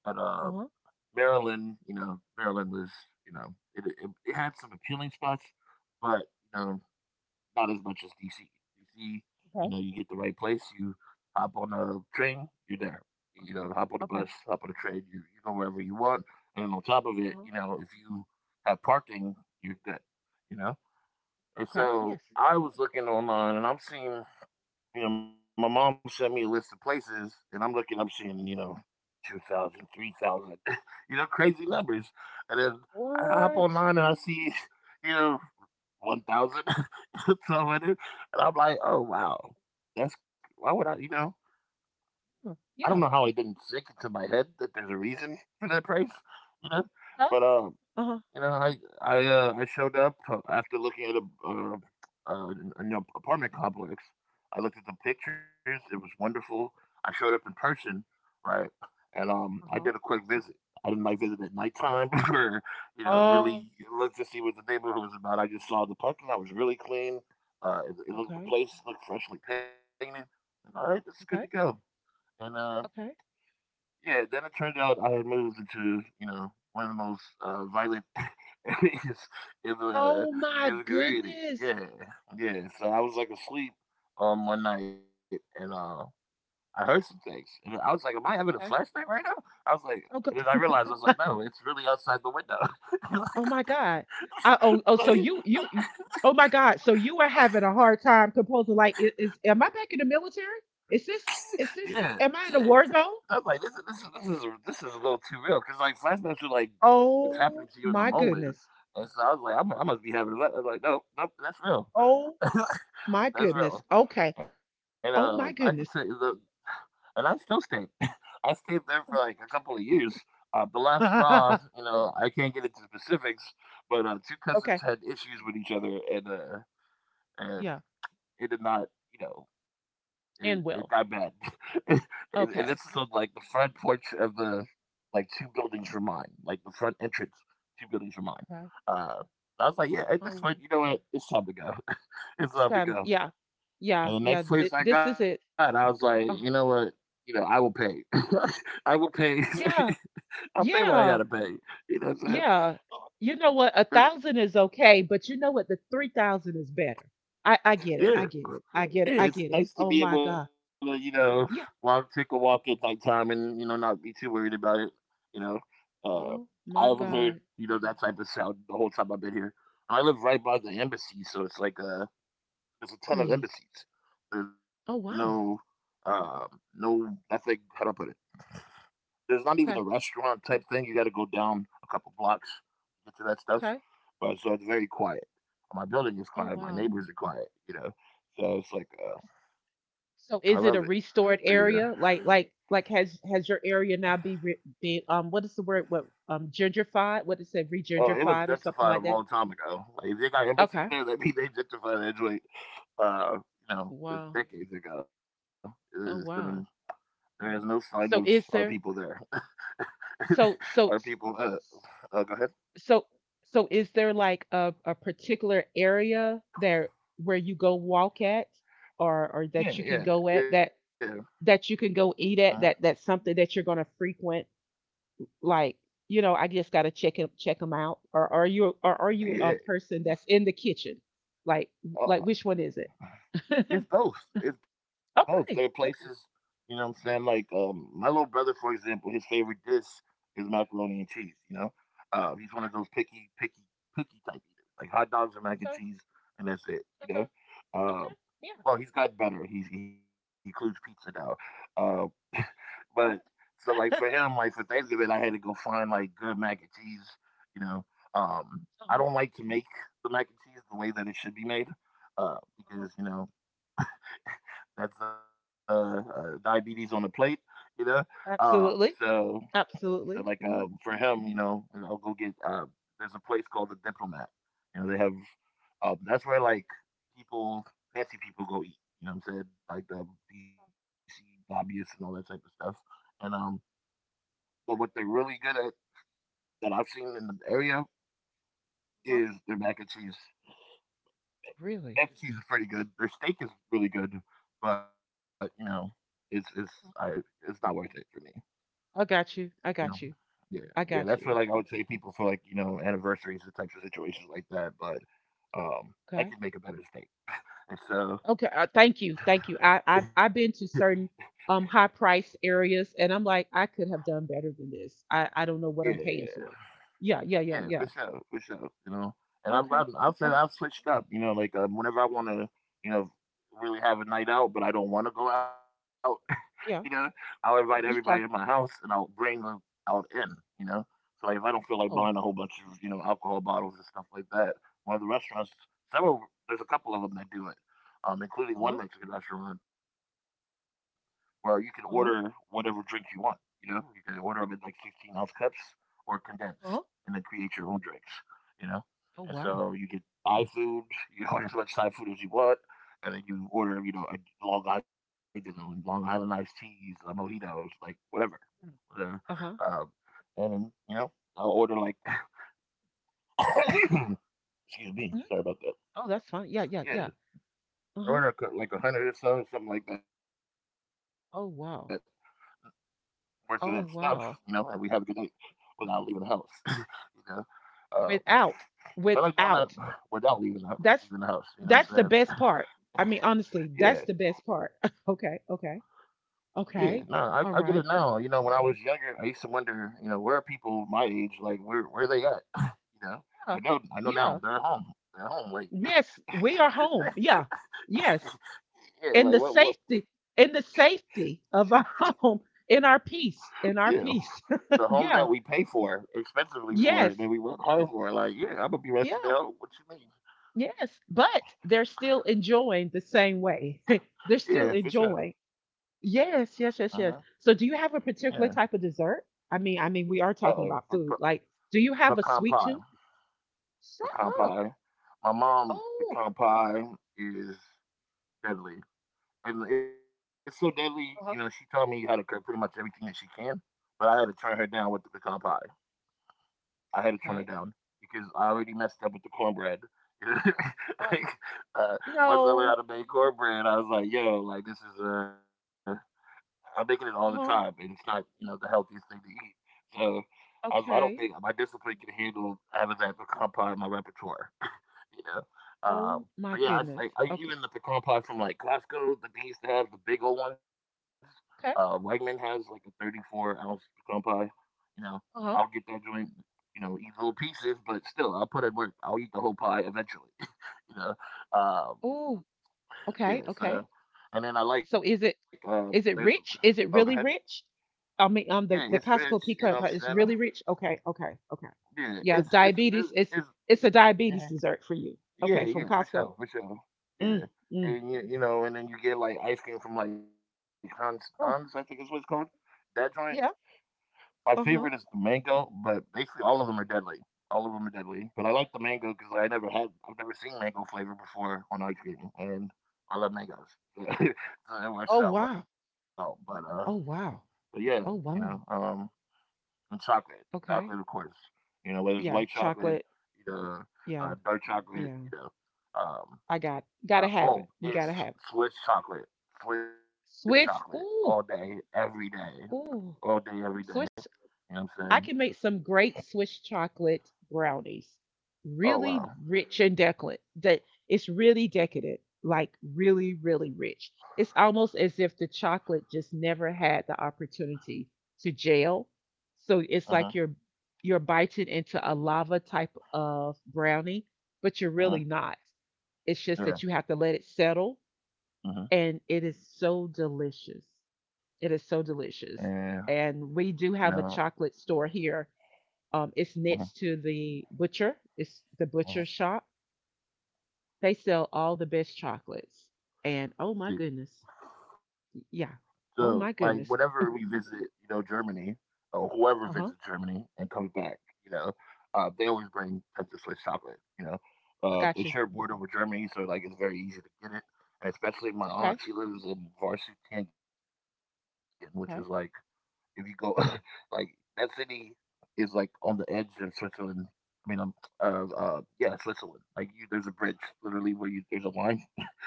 Speaker 2: And
Speaker 1: Uh
Speaker 2: um,
Speaker 1: huh.
Speaker 2: Maryland, you know, Maryland was, you know, it, it, it had some appealing spots, but you know, not as much as D C. D C, you
Speaker 1: Okay.
Speaker 2: know, you get the right place, you hop on a train, you're there.
Speaker 1: Uh
Speaker 2: You
Speaker 1: huh.
Speaker 2: know, hop on the
Speaker 1: Okay.
Speaker 2: bus, hop on the train, you you go wherever you want, and on top of
Speaker 1: Uh
Speaker 2: it,
Speaker 1: huh.
Speaker 2: you know, if you have parking, you're good. You know, and
Speaker 1: Okay.
Speaker 2: so
Speaker 1: Yes.
Speaker 2: I was looking online, and I'm seeing, you know, my mom sent me a list of places, and I'm looking, I'm seeing, you know, two thousand, three thousand, you know, crazy numbers. And then I hop
Speaker 1: What?
Speaker 2: online and I see, you know, one thousand, one thousand two hundred. And I'm like, oh, wow. That's, why would I, you know,
Speaker 1: Huh.
Speaker 2: I don't know
Speaker 1: Yeah.
Speaker 2: how it didn't stick into my head that there's a reason for that price, you know?
Speaker 1: Uh
Speaker 2: But, um,
Speaker 1: huh.
Speaker 2: you know, I I uh, I showed up uh, after looking at a, uh, uh, a new apartment complex. I looked at the pictures; it was wonderful. I showed up in person, right? And
Speaker 1: Uh
Speaker 2: um, I
Speaker 1: huh.
Speaker 2: did a quick visit. I didn't like visit at nighttime or, you know,
Speaker 1: Oh.
Speaker 2: really look to see what the neighborhood was about. I just saw the parking lot was really clean. Uh, it, it looked the
Speaker 1: Okay.
Speaker 2: place looked freshly painted. And, all right, it's good to go.
Speaker 1: Okay.
Speaker 2: And uh,
Speaker 1: Okay.
Speaker 2: yeah, then it turned out I had moved into, you know, one of the most uh, violent areas in the uh,
Speaker 1: Oh my
Speaker 2: in the community.
Speaker 1: goodness.
Speaker 2: Yeah, yeah. So I was like asleep um one night and uh I heard some things and I was like, "Am I having a flashback right now?" I was like, and then
Speaker 1: Oh,
Speaker 2: I
Speaker 1: go-
Speaker 2: realized I was like, "No, it's really outside the window."
Speaker 1: oh my God. I,
Speaker 2: like,
Speaker 1: oh, oh, so
Speaker 2: like,
Speaker 1: you, you, you- oh my God. So you are having a hard time composing. Like, i- is, am I back in the military? Is this, is
Speaker 2: yeah,
Speaker 1: this, am
Speaker 2: yeah.
Speaker 1: I in a war zone?
Speaker 2: I was like, this is this is this is this is a little too real because like flashbacks are like it's
Speaker 1: Oh
Speaker 2: happening to you in
Speaker 1: my
Speaker 2: the moment,
Speaker 1: goodness.
Speaker 2: and so I was like, I'm, I must be having a lot. I was like, no, no, that's real,
Speaker 1: Oh my goodness.
Speaker 2: that's real,
Speaker 1: Okay.
Speaker 2: and
Speaker 1: Oh
Speaker 2: um,
Speaker 1: my
Speaker 2: I can tell
Speaker 1: goodness.
Speaker 2: you the, and I still stayed. I stayed there for like a couple of years. Uh, the last
Speaker 1: Okay.
Speaker 2: straw, you know, I can't get into specifics, but uh, two cousins had issues with each other, and uh,
Speaker 1: Yeah.
Speaker 2: and it did not, you know, it,
Speaker 1: And
Speaker 2: it
Speaker 1: will.
Speaker 2: got bad. and, and
Speaker 1: Okay.
Speaker 2: this is on, like, the front porch of the, like, two buildings were mine, like the front entrance, two buildings were mine.
Speaker 1: Okay.
Speaker 2: Uh, I was like, yeah, at
Speaker 1: Oh,
Speaker 2: this point, you know what? It's time to go.
Speaker 1: it's
Speaker 2: It's
Speaker 1: time.
Speaker 2: time to
Speaker 1: Yeah.
Speaker 2: go.
Speaker 1: Yeah. Yeah.
Speaker 2: And the
Speaker 1: Th-
Speaker 2: next
Speaker 1: this
Speaker 2: place I
Speaker 1: is it.
Speaker 2: got, I was like, you know
Speaker 1: Oh,
Speaker 2: what? You know, I will pay. I will pay.
Speaker 1: yeah.
Speaker 2: I'll pay what I gotta
Speaker 1: Yeah.
Speaker 2: pay. You know what I'm saying?
Speaker 1: Yeah. You know what? A
Speaker 2: 'Cause-
Speaker 1: thousand is okay, but you know what? The three thousand is better. I I get it.
Speaker 2: yeah,
Speaker 1: I get it. I Mm, get it.
Speaker 2: Yeah,
Speaker 1: I
Speaker 2: it's
Speaker 1: get it.
Speaker 2: nice to
Speaker 1: Oh mm,
Speaker 2: be
Speaker 1: my mm.
Speaker 2: able to,
Speaker 1: god.
Speaker 2: you know, walk,
Speaker 1: Yeah.
Speaker 2: take a walk at nighttime and, you know, not be too worried about it. You know, uh,
Speaker 1: Oh
Speaker 2: I
Speaker 1: my
Speaker 2: haven't heard,
Speaker 1: god.
Speaker 2: you know, that type of sound the whole time I've been here. I live right by the embassy, so it's like, uh, there's a ton of
Speaker 1: Really?
Speaker 2: embassies. There's no,
Speaker 1: Oh wow.
Speaker 2: um, no, nothing, how do I put it? There's not even a
Speaker 1: Okay.
Speaker 2: restaurant type thing. You got to go down a couple blocks to get to that stuff.
Speaker 1: Okay.
Speaker 2: But so it's very quiet. My building is
Speaker 1: Oh
Speaker 2: quiet. My
Speaker 1: wow.
Speaker 2: neighbors are quiet, you know. So it's like, uh, I love it
Speaker 1: So is it a
Speaker 2: for you to.
Speaker 1: restored area? Like like like has, has your area now be re, be, um, what is the word? What, um, gentrified? What is it?
Speaker 2: Oh, it was
Speaker 1: Regentrified or
Speaker 2: gentrified a
Speaker 1: something like
Speaker 2: long
Speaker 1: that?
Speaker 2: time ago. Like, if they got embassies
Speaker 1: Okay.
Speaker 2: there, that means they gentrified that joint. Uh, you know, it's
Speaker 1: Wow.
Speaker 2: decades ago. It- It's been,
Speaker 1: Oh wow.
Speaker 2: there is no sign of our
Speaker 1: So
Speaker 2: people
Speaker 1: is
Speaker 2: there.
Speaker 1: there? So
Speaker 2: Our
Speaker 1: so.
Speaker 2: people. Uh, uh go ahead.
Speaker 1: So so is there like a a particular area there where you go walk at, or or
Speaker 2: Yeah,
Speaker 1: that you can
Speaker 2: yeah,
Speaker 1: go at,
Speaker 2: yeah.
Speaker 1: that, that you can
Speaker 2: Uh-huh.
Speaker 1: go eat at, that, that's something that you're going to frequent? Like, you know, I just got to check it, check them out, or are you, or are you
Speaker 2: Yeah.
Speaker 1: a person that's in the kitchen, like like
Speaker 2: Oh,
Speaker 1: which one is it?
Speaker 2: it's both. It's both. There are places,
Speaker 1: Okay.
Speaker 2: you
Speaker 1: Okay.
Speaker 2: know what I'm saying? Like, um my little brother, for example, his favorite dish is macaroni and cheese, you know? Uh, he's one of those picky, picky, picky type eaters. Like hot dogs and mac and
Speaker 1: Okay.
Speaker 2: cheese and that's it, you
Speaker 1: Okay.
Speaker 2: know?
Speaker 1: Okay.
Speaker 2: Uh,
Speaker 1: Okay. Yeah.
Speaker 2: well, he's got better. He he includes pizza now. Uh but
Speaker 1: All
Speaker 2: so like for
Speaker 1: right.
Speaker 2: him, like for Thanksgiving I had to go find like good mac and cheese, you know. Um
Speaker 1: Uh-huh.
Speaker 2: I don't like to make the mac and cheese the way that it should be made. Uh,
Speaker 1: Uh-huh.
Speaker 2: because, you know, that's uh, uh diabetes on the plate, you know. Um,
Speaker 1: Absolutely.
Speaker 2: so so
Speaker 1: Absolutely.
Speaker 2: like,
Speaker 1: Hmm.
Speaker 2: um for him, you know, I'll go get uh. There's a place called the Diplomat. You know, they have, um that's where like people, fancy people go eat. You know what I'm saying? Like the D C lobbyists and all that type of stuff. And um, but what they're really good at that I've seen in the area
Speaker 1: Uh-huh.
Speaker 2: is their mac and cheese.
Speaker 1: Really?
Speaker 2: Mac and cheese is pretty good. Their steak is really good, but you know, it's it's I it's not worth it for me.
Speaker 1: I got
Speaker 2: You
Speaker 1: you.
Speaker 2: know?
Speaker 1: I got you.
Speaker 2: Yeah, yeah,
Speaker 1: I
Speaker 2: that's what,
Speaker 1: got
Speaker 2: like, I
Speaker 1: you.
Speaker 2: would say people for, like, you know, anniversaries and types of situations like that, but, um, I
Speaker 1: Okay.
Speaker 2: could make a better steak, and so
Speaker 1: Okay. Uh, thank you. Thank you. I, I've I've been to certain um high priced areas, and I'm like, I could have done better than this. I I don't know
Speaker 2: Yeah,
Speaker 1: what I'm paying
Speaker 2: yeah.
Speaker 1: for. Yeah. Yeah.
Speaker 2: Yeah,
Speaker 1: Yeah.
Speaker 2: for
Speaker 1: Yeah.
Speaker 2: sure, for sure, you know? And I've
Speaker 1: Okay.
Speaker 2: gotten I've said
Speaker 1: Okay.
Speaker 2: I've switched up, you know, like, um, whenever I wanna, you know, really have a night out, but I don't wanna go out, you know,
Speaker 1: Yeah.
Speaker 2: I'll invite everybody in my house
Speaker 1: Yeah.
Speaker 2: and I'll bring them out in, you know. So like, if I don't feel like buying a whole
Speaker 1: Oh.
Speaker 2: bunch of, you know, alcohol bottles and stuff like that, one of the restaurants, several, there's a couple of them that do it, um, including
Speaker 1: Uh
Speaker 2: one
Speaker 1: huh.
Speaker 2: Mexican restaurant where you can order whatever drink
Speaker 1: Uh
Speaker 2: you
Speaker 1: huh.
Speaker 2: want. You know, you can order them in like sixteen ounce cups or condensed and then
Speaker 1: Uh huh.
Speaker 2: create your own drinks, you know. And
Speaker 1: Oh
Speaker 2: so you
Speaker 1: wow.
Speaker 2: get Thai food, you order as much Thai food as you want and then you order, you know, a Long Island, a Long Island iced teas, uh, mojitos, like whatever. Uh,
Speaker 1: Uh
Speaker 2: um,
Speaker 1: huh.
Speaker 2: and then, you know, I'll order like, excuse me, sorry about that.
Speaker 1: Oh, that's fine. Yeah. Yeah. Yeah.
Speaker 2: Yeah,
Speaker 1: Uh
Speaker 2: I
Speaker 1: huh.
Speaker 2: order co- like a hundred or so, something like that,
Speaker 1: Oh
Speaker 2: worth of
Speaker 1: wow.
Speaker 2: that stuff, you know, and we have a good
Speaker 1: Oh
Speaker 2: night
Speaker 1: wow.
Speaker 2: without leaving the house, you know. Uh, I like doing
Speaker 1: Without.
Speaker 2: that without
Speaker 1: Without.
Speaker 2: leaving the, leaving the house, you
Speaker 1: That's
Speaker 2: know what I'm saying?
Speaker 1: that's the best part. I mean,
Speaker 2: Yeah,
Speaker 1: honestly, that's the best part. Okay, okay,
Speaker 2: yeah, no, I, I
Speaker 1: okay,
Speaker 2: get it
Speaker 1: all
Speaker 2: now. You
Speaker 1: right,
Speaker 2: know, when I was younger, I used to wonder, you know, where are people my age? Like, where where they at? You know, I
Speaker 1: yeah,
Speaker 2: know, I know now.
Speaker 1: yeah,
Speaker 2: They're at home. They're at home. Like,
Speaker 1: yes, we are home. Yeah, yes,
Speaker 2: yeah,
Speaker 1: in
Speaker 2: like
Speaker 1: the
Speaker 2: what what?
Speaker 1: safety, in the safety of our home, in our
Speaker 2: Yeah,
Speaker 1: peace, in our
Speaker 2: the
Speaker 1: peace.
Speaker 2: home that we pay
Speaker 1: Yeah,
Speaker 2: for expensively for, that we
Speaker 1: yes,
Speaker 2: work hard for. Like, yeah, I'm gonna be resting at home.
Speaker 1: yeah,
Speaker 2: What you mean?
Speaker 1: yes. But they're still enjoying the same way. They're still
Speaker 2: Yeah, for sure.
Speaker 1: enjoying.
Speaker 2: Uh huh.
Speaker 1: Yes, yes, yes, yes. So do you
Speaker 2: Yeah.
Speaker 1: have a particular type of dessert? I mean, I
Speaker 2: Uh
Speaker 1: mean, we are
Speaker 2: oh.
Speaker 1: talking about food. Like, do you have
Speaker 2: Pecan
Speaker 1: a
Speaker 2: pie.
Speaker 1: sweet tooth? Shut
Speaker 2: Pecan
Speaker 1: up.
Speaker 2: pie. My mom
Speaker 1: Oh,
Speaker 2: pecan pie is deadly. And it's so deadly, you know, she taught me
Speaker 1: uh-huh.
Speaker 2: how to cook pretty much everything that she can, but I had to turn her down with the pecan pie. I had to turn her
Speaker 1: Okay.
Speaker 2: down because I already messed up with the cornbread.
Speaker 1: Uh,
Speaker 2: like, uh, once I learned
Speaker 1: no.
Speaker 2: how to make cornbread, I was like, yo, like this is uh I'm making it all the time and it's
Speaker 1: Uh-huh.
Speaker 2: not, you know, the healthiest thing to eat. So I was like, I don't think my
Speaker 1: Okay.
Speaker 2: discipline can handle having that pecan pie in my repertoire you know. Um,
Speaker 1: Oh
Speaker 2: but
Speaker 1: my
Speaker 2: yeah, it's like
Speaker 1: goodness.
Speaker 2: I, even
Speaker 1: Okay.
Speaker 2: the pecan pie from like Costco that they used to have the big old ones. Uh,
Speaker 1: Okay.
Speaker 2: Wegman has like a thirty-four ounce pecan pie. You know, I'll get
Speaker 1: Uh-huh.
Speaker 2: that joint. You know, eat little pieces, but still, I'll put in work. I'll eat the whole pie eventually. you know, um,
Speaker 1: Oh,
Speaker 2: yeah.
Speaker 1: okay, okay.
Speaker 2: So, and then I like
Speaker 1: So is
Speaker 2: uh,
Speaker 1: it
Speaker 2: there's
Speaker 1: is it
Speaker 2: oh go
Speaker 1: rich?
Speaker 2: ahead.
Speaker 1: Is it really rich? I
Speaker 2: Yeah,
Speaker 1: mean,
Speaker 2: it's
Speaker 1: um, the,
Speaker 2: rich.
Speaker 1: the
Speaker 2: You know what
Speaker 1: Costco
Speaker 2: I'm
Speaker 1: pecan pie
Speaker 2: saying?
Speaker 1: is really rich. Okay, okay, okay.
Speaker 2: Yeah, it's
Speaker 1: Yeah,
Speaker 2: it's really
Speaker 1: diabetes.
Speaker 2: it's.
Speaker 1: It's it's a
Speaker 2: Mhm.
Speaker 1: diabetes dessert for you.
Speaker 2: Yeah,
Speaker 1: Okay, from
Speaker 2: yeah, for
Speaker 1: Costco.
Speaker 2: sure, for sure. Yeah,
Speaker 1: Mm, mm.
Speaker 2: and you, you know, and then you get like ice cream from like Hans, Hans, I think is what
Speaker 1: Oh,
Speaker 2: it's called. That joint.
Speaker 1: yeah.
Speaker 2: My favorite
Speaker 1: Uh-huh.
Speaker 2: is the mango, but basically all of them are deadly. All of them are deadly. But I like the mango because I never had, I've never seen mango flavor before on ice cream, and I love mangoes, so
Speaker 1: Oh,
Speaker 2: it
Speaker 1: wow.
Speaker 2: works out well. But uh,
Speaker 1: Oh, wow.
Speaker 2: but yeah,
Speaker 1: Oh,
Speaker 2: you
Speaker 1: wow.
Speaker 2: know, um, and chocolate,
Speaker 1: Okay.
Speaker 2: chocolate of course. You know,
Speaker 1: Yeah,
Speaker 2: whether it's white
Speaker 1: chocolate.
Speaker 2: chocolate, you
Speaker 1: Yeah,
Speaker 2: know, uh, dark
Speaker 1: yeah.
Speaker 2: chocolate, you know.
Speaker 1: I got
Speaker 2: Um,
Speaker 1: gotta have it. We
Speaker 2: uh,
Speaker 1: gotta have
Speaker 2: oh,
Speaker 1: it.
Speaker 2: it's Swiss chocolate. Swiss
Speaker 1: Swiss.
Speaker 2: chocolate all
Speaker 1: Ooh,
Speaker 2: day, every day,
Speaker 1: ooh.
Speaker 2: all day, every
Speaker 1: Swiss
Speaker 2: day. You know what I'm
Speaker 1: I can make
Speaker 2: saying?
Speaker 1: some great Swiss chocolate brownies, really
Speaker 2: Oh
Speaker 1: rich
Speaker 2: wow.
Speaker 1: and decadent. That It's really decadent, like really, really rich. It's almost as if the chocolate just never had the opportunity to gel. So it's like
Speaker 2: Uh
Speaker 1: you're
Speaker 2: huh.
Speaker 1: you're biting into a lava type of brownie, but you're really not.
Speaker 2: Uh huh.
Speaker 1: It's just that you have to let it
Speaker 2: Yeah.
Speaker 1: settle, and it
Speaker 2: Uh
Speaker 1: is
Speaker 2: huh.
Speaker 1: so delicious. It is so delicious.
Speaker 2: And
Speaker 1: And we do have
Speaker 2: you
Speaker 1: a
Speaker 2: know.
Speaker 1: chocolate store here, um, it's next to
Speaker 2: Uh-huh.
Speaker 1: the butcher. It's the butcher shop.
Speaker 2: Uh-huh.
Speaker 1: They sell all the best chocolates. And oh my goodness,
Speaker 2: See,
Speaker 1: yeah. Oh
Speaker 2: so
Speaker 1: my
Speaker 2: like
Speaker 1: goodness.
Speaker 2: whenever we visit, you know, Germany or
Speaker 1: Uh
Speaker 2: whoever
Speaker 1: huh.
Speaker 2: visits Germany and comes back, you know, uh, they always bring Texas Swiss chocolate. You know,
Speaker 1: I
Speaker 2: uh,
Speaker 1: got
Speaker 2: they
Speaker 1: you.
Speaker 2: share a border with Germany, so like it's very easy to get it. And especially my aunt,
Speaker 1: Okay.
Speaker 2: she lives in Varsity, which is like If
Speaker 1: Okay.
Speaker 2: you go, like that city is like on the edge of Switzerland. I mean, um, uh, uh, yeah, Switzerland. Like you, there's a bridge literally where you there's a line,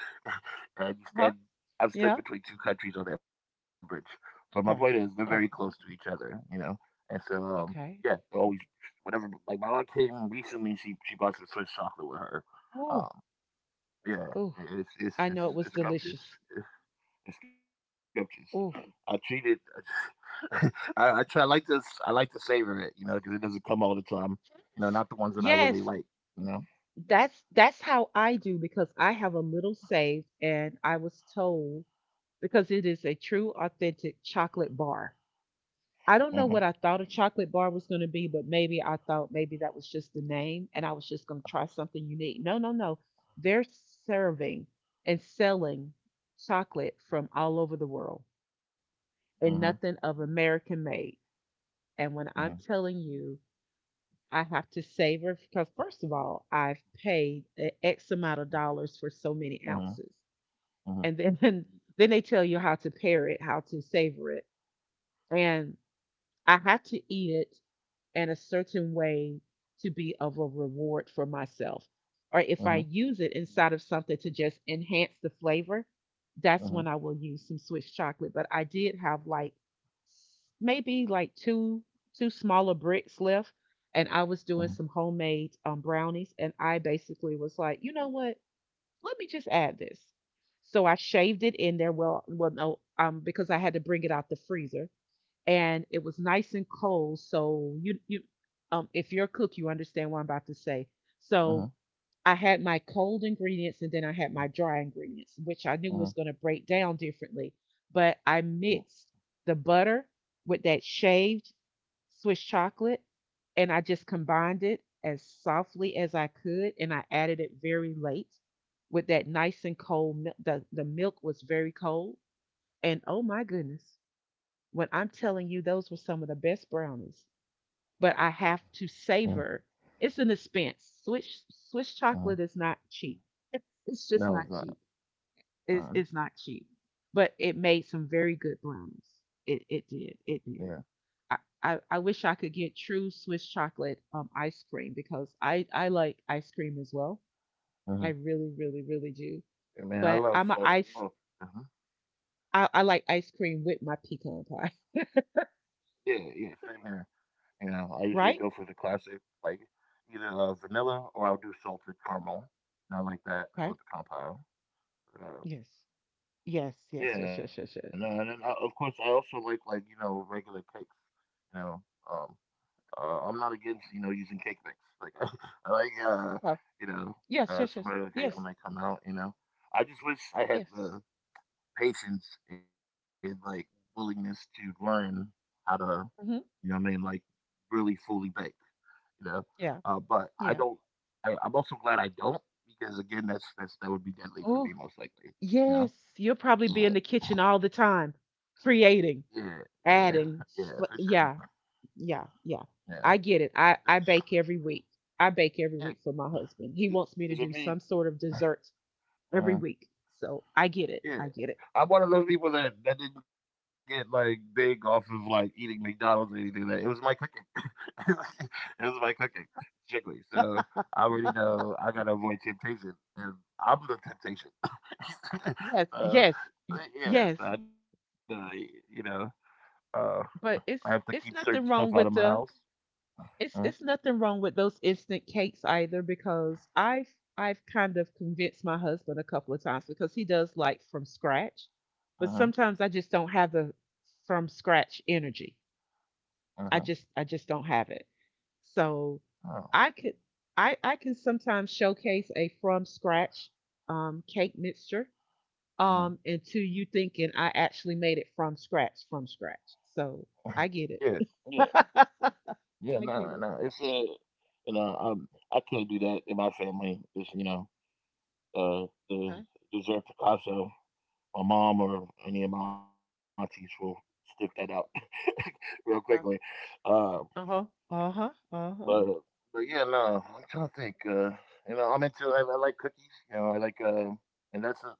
Speaker 1: Uh huh.
Speaker 2: and you stand.
Speaker 1: Yeah.
Speaker 2: I've stood between two countries on that bridge. But my
Speaker 1: Okay.
Speaker 2: point is, they're very
Speaker 1: Okay.
Speaker 2: close to each other, you know. And so, um,
Speaker 1: Okay.
Speaker 2: yeah, they always whatever. Like my aunt came recently. She she bought some Swiss chocolate with her.
Speaker 1: Oh.
Speaker 2: Um,
Speaker 1: Oh.
Speaker 2: yeah,
Speaker 1: I know it
Speaker 2: it's
Speaker 1: was
Speaker 2: it's it's
Speaker 1: delicious.
Speaker 2: it's scrumptious the scriptures.
Speaker 1: Oh.
Speaker 2: I treated. I, I try. I like to. I like to savor it, you know, because it doesn't come all the time. You know, not the ones that I
Speaker 1: Yes,
Speaker 2: really like. You know.
Speaker 1: that's that's how I do because I have a little saved and I was told because it is a true authentic chocolate bar. I don't know what I
Speaker 2: Mhm.
Speaker 1: thought a chocolate bar was going to be, but maybe I thought maybe that was just the name and I was just going to try something unique. No, no, no. They're serving and selling chocolate from all over the world and
Speaker 2: Mhm.
Speaker 1: nothing of American made. And when I'm
Speaker 2: Mhm.
Speaker 1: telling you, I have to savor because, first of all, I've paid a X amount of dollars for so many ounces.
Speaker 2: Mhm.
Speaker 1: And then, then
Speaker 2: Mhm.
Speaker 1: then they tell you how to pair it, how to savor it. And I had to eat it and a certain way to be of a reward for myself. Or if I use it
Speaker 2: Mhm.
Speaker 1: inside of something to just enhance the flavor, that's when I will use some
Speaker 2: Mhm.
Speaker 1: Swiss chocolate. But I did have like maybe like two two smaller bricks left, and I was doing some homemade um, brownies, and I basically was like, you know what? Let me just add this. So I shaved it in there. Well, well, no, um, because I had to bring it out the freezer and it was nice and cold. So you you um if you're a cook, you understand what I'm about to say. So I
Speaker 2: Mhm.
Speaker 1: had my cold ingredients and then I had my dry ingredients, which I knew was going to break
Speaker 2: Mhm. Mhm.
Speaker 1: down differently. But I mixed the butter with that shaved Swiss chocolate and I just combined it as softly as I could and I added it very late with that nice and cold milk. The, the milk was very cold. And oh my goodness. When I'm telling you, those were some of the best brownies. But I have to
Speaker 2: Mhm.
Speaker 1: savor. It's an expense. Swiss Swiss chocolate
Speaker 2: Mhm.
Speaker 1: is not cheap. It's, it's just not
Speaker 2: No,
Speaker 1: cheap.
Speaker 2: it's not.
Speaker 1: It's it's not
Speaker 2: Um.
Speaker 1: cheap. But it made some very good brownies. It it did. It did.
Speaker 2: Yeah.
Speaker 1: I, I, I wish I could get true Swiss chocolate um, ice cream because I, I like ice cream as well. I really,
Speaker 2: Mhm.
Speaker 1: really, really do. But I'm
Speaker 2: Yeah,
Speaker 1: a
Speaker 2: Man, I
Speaker 1: ice
Speaker 2: love so. Oh. Mhm.
Speaker 1: I, I like ice cream with my pecan pie.
Speaker 2: Yeah. Yeah. Same here. You know, I
Speaker 1: Right?
Speaker 2: usually go for the classic, like either uh, vanilla or I'll do salted caramel. And I
Speaker 1: Okay.
Speaker 2: like that with the compound.
Speaker 1: Yes. Yes, yes, yes, yes, yes,
Speaker 2: Yeah,
Speaker 1: yes.
Speaker 2: no, and then, uh, of course I also like like you know regular cakes. You know, um, uh, I'm not against you know using cake mix. Like I I like
Speaker 1: Uh,
Speaker 2: uh, you know
Speaker 1: yes, yes, yes,
Speaker 2: uh, some
Speaker 1: yes,
Speaker 2: regular cakes when they come out. You know, I just wish
Speaker 1: yes.
Speaker 2: I had the patience and like willingness to learn how to
Speaker 1: Mm-hmm.
Speaker 2: you know what I mean like really fully bake. You know,
Speaker 1: Yeah,
Speaker 2: uh, but I
Speaker 1: yeah.
Speaker 2: don't. I, I'm also glad I don't because again that's that's that would be deadly for
Speaker 1: Oh,
Speaker 2: me most likely. You know.
Speaker 1: yes. You'll probably be in the
Speaker 2: Yeah.
Speaker 1: kitchen all the time,
Speaker 2: Yeah,
Speaker 1: creating,
Speaker 2: yeah, yeah, for
Speaker 1: adding.
Speaker 2: sure.
Speaker 1: f- Yeah, yeah, yeah.
Speaker 2: Yeah,
Speaker 1: I get it.
Speaker 2: just,
Speaker 1: I I bake every week. I bake
Speaker 2: yeah.
Speaker 1: every week for my husband.
Speaker 2: it-
Speaker 1: He wants
Speaker 2: It's
Speaker 1: me to
Speaker 2: with
Speaker 1: do
Speaker 2: me.
Speaker 1: some sort of dessert every
Speaker 2: Uh,
Speaker 1: week. So I get it.
Speaker 2: yeah,
Speaker 1: I get it.
Speaker 2: I'm one of those people that that didn't get like big off of like eating McDonald's or anything. Like That it was my cooking. it was my cooking strictly. So I already know I gotta avoid temptation, and I'm the temptation.
Speaker 1: Yes,
Speaker 2: uh,
Speaker 1: yes,
Speaker 2: but
Speaker 1: y-
Speaker 2: yeah,
Speaker 1: yes.
Speaker 2: so I know you know uh, I have to
Speaker 1: but
Speaker 2: keep
Speaker 1: it's
Speaker 2: certain stuff
Speaker 1: it's
Speaker 2: out of my
Speaker 1: nothing wrong
Speaker 2: house.
Speaker 1: with the
Speaker 2: Uh
Speaker 1: it's it's nothing wrong with those instant cakes either because I've I've kind of convinced my husband a couple of times because he does like from scratch, but
Speaker 2: huh.
Speaker 1: sometimes I just don't have the from scratch energy.
Speaker 2: Uh huh.
Speaker 1: I just I just don't have it. So I could I I can sometimes showcase a from scratch um cake mixture
Speaker 2: Uh huh.
Speaker 1: um until you thinking I actually made it from scratch from scratch. So I get
Speaker 2: Yeah.
Speaker 1: it.
Speaker 2: Yeah, no,
Speaker 1: I
Speaker 2: no.
Speaker 1: get
Speaker 2: It's
Speaker 1: it.
Speaker 2: uh, you know, um, I can't do that in my family. It's you know, uh, the
Speaker 1: Okay.
Speaker 2: dessert Picasso. My mom or any of my aunties will stick that out real quickly.
Speaker 1: Yeah.
Speaker 2: Uh,
Speaker 1: Uh-huh. Uh-huh.
Speaker 2: but
Speaker 1: Uh-huh.
Speaker 2: but yeah, no, I'm trying to think. Uh, you know, I'm into I, I like cookies. You know, I like uh and that's a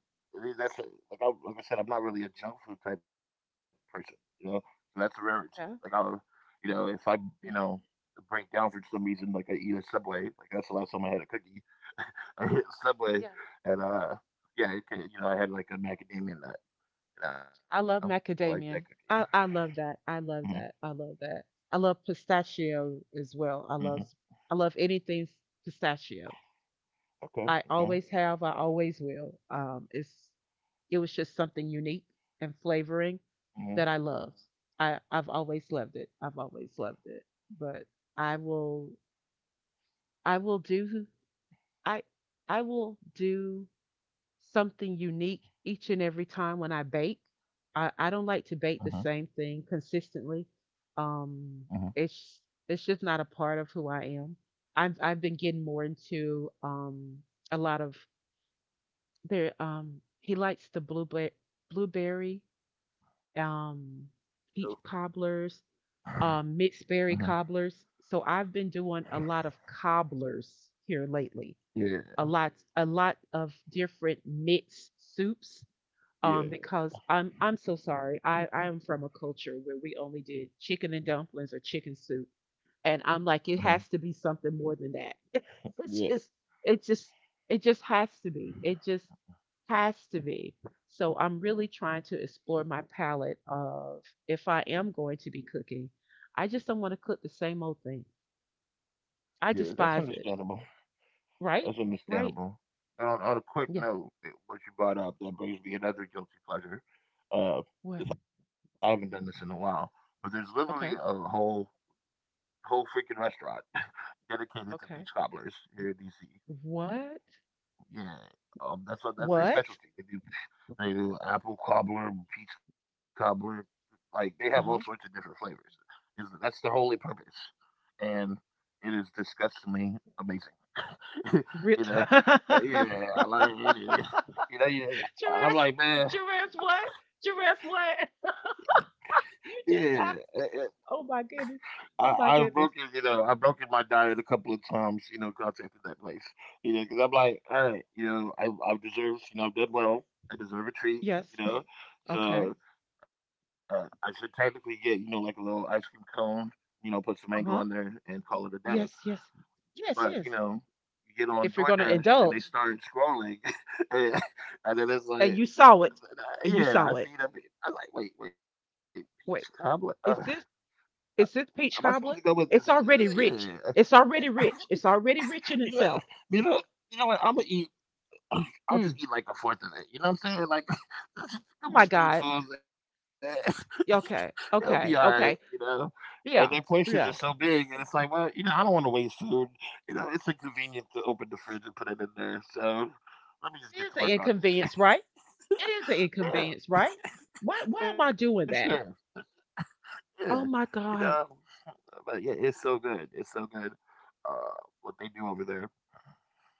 Speaker 2: that's a, like I like I said, I'm not really a junk food type person. You know, so that's a rarity. Like I'll,
Speaker 1: Yeah.
Speaker 2: you know, if I you know
Speaker 1: Yeah.
Speaker 2: break down for some reason, like I eat a Subway. Like that's the last time I had a cookie. I hit Subway,
Speaker 1: Yeah.
Speaker 2: and uh, yeah, it, could- you know, I had like a macadamia nut. You know,
Speaker 1: I
Speaker 2: I like
Speaker 1: love
Speaker 2: that cookie.
Speaker 1: macadamia. I, I love that. I love that. I love that. I love pistachio as well.
Speaker 2: Hmm
Speaker 1: I
Speaker 2: hmm.
Speaker 1: love I love anything s- pistachio.
Speaker 2: Okay.
Speaker 1: I
Speaker 2: Okay.
Speaker 1: always have. I always will. Um, it's it was just something unique and
Speaker 2: Yeah.
Speaker 1: flavoring that I love. I I've always loved it. I've always loved it. But I will I will do I I will do something unique each and every time when I bake. I, I
Speaker 2: Uh
Speaker 1: don't
Speaker 2: huh.
Speaker 1: like to bake the same thing consistently.
Speaker 2: Uh huh.
Speaker 1: Um, it's it's just not a part of who I am. I've I've been getting more into um a lot of there, um he likes the blueberry blueberry um peach cobblers, um
Speaker 2: Uh huh.
Speaker 1: mixed berry cobblers. So I've been doing a lot of cobblers here lately.
Speaker 2: Yeah.
Speaker 1: A lot a lot of different mixed soups, um,
Speaker 2: Yeah,
Speaker 1: because I'm I'm so sorry. I I am from a culture where we only did chicken and dumplings or chicken soup, and I'm like, it
Speaker 2: hmm
Speaker 1: has to be something more than that. It's
Speaker 2: yeah,
Speaker 1: just it just it just has to be. It just has to be. So I'm really trying to explore my palette of if I am going to be cooking, I just don't want to cook the same old thing. I
Speaker 2: yeah. That's
Speaker 1: despise it.
Speaker 2: understandable.
Speaker 1: Right?
Speaker 2: That's
Speaker 1: Right?
Speaker 2: understandable. And on, on a quick
Speaker 1: Yeah.
Speaker 2: note, eh, what you brought up that brings me another guilty pleasure. Uh,
Speaker 1: What?
Speaker 2: if I haven't done this in a while, but there's literally a
Speaker 1: Okay.
Speaker 2: whole whole freaking restaurant dedicated to peach
Speaker 1: Okay.
Speaker 2: cobblers here in D C.
Speaker 1: What?
Speaker 2: Yeah, um, that's what that's their specialty.
Speaker 1: What?
Speaker 2: They do they do apple cobbler, peach cobbler, like they have all sorts of
Speaker 1: Uh
Speaker 2: different
Speaker 1: huh.
Speaker 2: flavors. Is that's their only purpose, and it is disgustingly amazing. you
Speaker 1: Re-
Speaker 2: know, Uh, yeah,
Speaker 1: Giraffes,
Speaker 2: I like it. Yeah. You know, yeah, I- I'm like, man,
Speaker 1: giraffes, what? Giraffes, what?
Speaker 2: yeah.
Speaker 1: You
Speaker 2: eh,
Speaker 1: just
Speaker 2: eh,
Speaker 1: have to. Oh my
Speaker 2: I,
Speaker 1: goodness.
Speaker 2: I've
Speaker 1: Oh
Speaker 2: broken,
Speaker 1: my
Speaker 2: you
Speaker 1: goodness.
Speaker 2: know, I've broken my diet a couple of times, you know, contacting that place, you know, because I'm like, all right, you know, I, I've deserved, you know, I've done well. I deserve a treat,
Speaker 1: Yes.
Speaker 2: you know,
Speaker 1: Okay.
Speaker 2: so uh, I should technically get, you know, like a little ice cream cone, you know, put some mango on
Speaker 1: Uh
Speaker 2: there
Speaker 1: huh.
Speaker 2: and call it a day,
Speaker 1: Yes, yes.
Speaker 2: But,
Speaker 1: Yes,
Speaker 2: you
Speaker 1: yes.
Speaker 2: know, you get on
Speaker 1: If you're going to
Speaker 2: DoorDash and they
Speaker 1: indulge,
Speaker 2: start scrolling, and, and then it's
Speaker 1: and
Speaker 2: like,
Speaker 1: you saw it, and you
Speaker 2: yeah, I
Speaker 1: saw
Speaker 2: see
Speaker 1: it.
Speaker 2: that. pic- I like, wait, wait, peach cobbler.
Speaker 1: Wait,
Speaker 2: Uh, am
Speaker 1: is this is
Speaker 2: I
Speaker 1: this
Speaker 2: supposed to
Speaker 1: peach
Speaker 2: go with this?
Speaker 1: cobbler? It's already
Speaker 2: Yeah,
Speaker 1: rich. It's already rich. It's already
Speaker 2: you
Speaker 1: rich
Speaker 2: know,
Speaker 1: in itself.
Speaker 2: you know, you know what? I'm gonna eat. I'll just eat
Speaker 1: Mm.
Speaker 2: like a fourth of it. You know what I'm saying? Like just a
Speaker 1: Oh
Speaker 2: couple
Speaker 1: my God.
Speaker 2: spoonfuls. eh, It'll
Speaker 1: Okay.
Speaker 2: be all right.
Speaker 1: Okay.
Speaker 2: You
Speaker 1: Okay.
Speaker 2: know. And their portions
Speaker 1: Yeah.
Speaker 2: are so
Speaker 1: Yeah.
Speaker 2: big, and it's like, well, you know, I don't want to waste food. You know, it's inconvenient to open the fridge and put it in there. So let me just get
Speaker 1: It
Speaker 2: to
Speaker 1: is
Speaker 2: work
Speaker 1: an
Speaker 2: on this.
Speaker 1: inconvenience, right? It is an
Speaker 2: Yeah,
Speaker 1: inconvenience, right? Why
Speaker 2: for
Speaker 1: why am I
Speaker 2: sure.
Speaker 1: doing that?
Speaker 2: Yeah, you
Speaker 1: Oh my
Speaker 2: know,
Speaker 1: God.
Speaker 2: but yeah, it's so good. It's so good. Uh, what they do over there.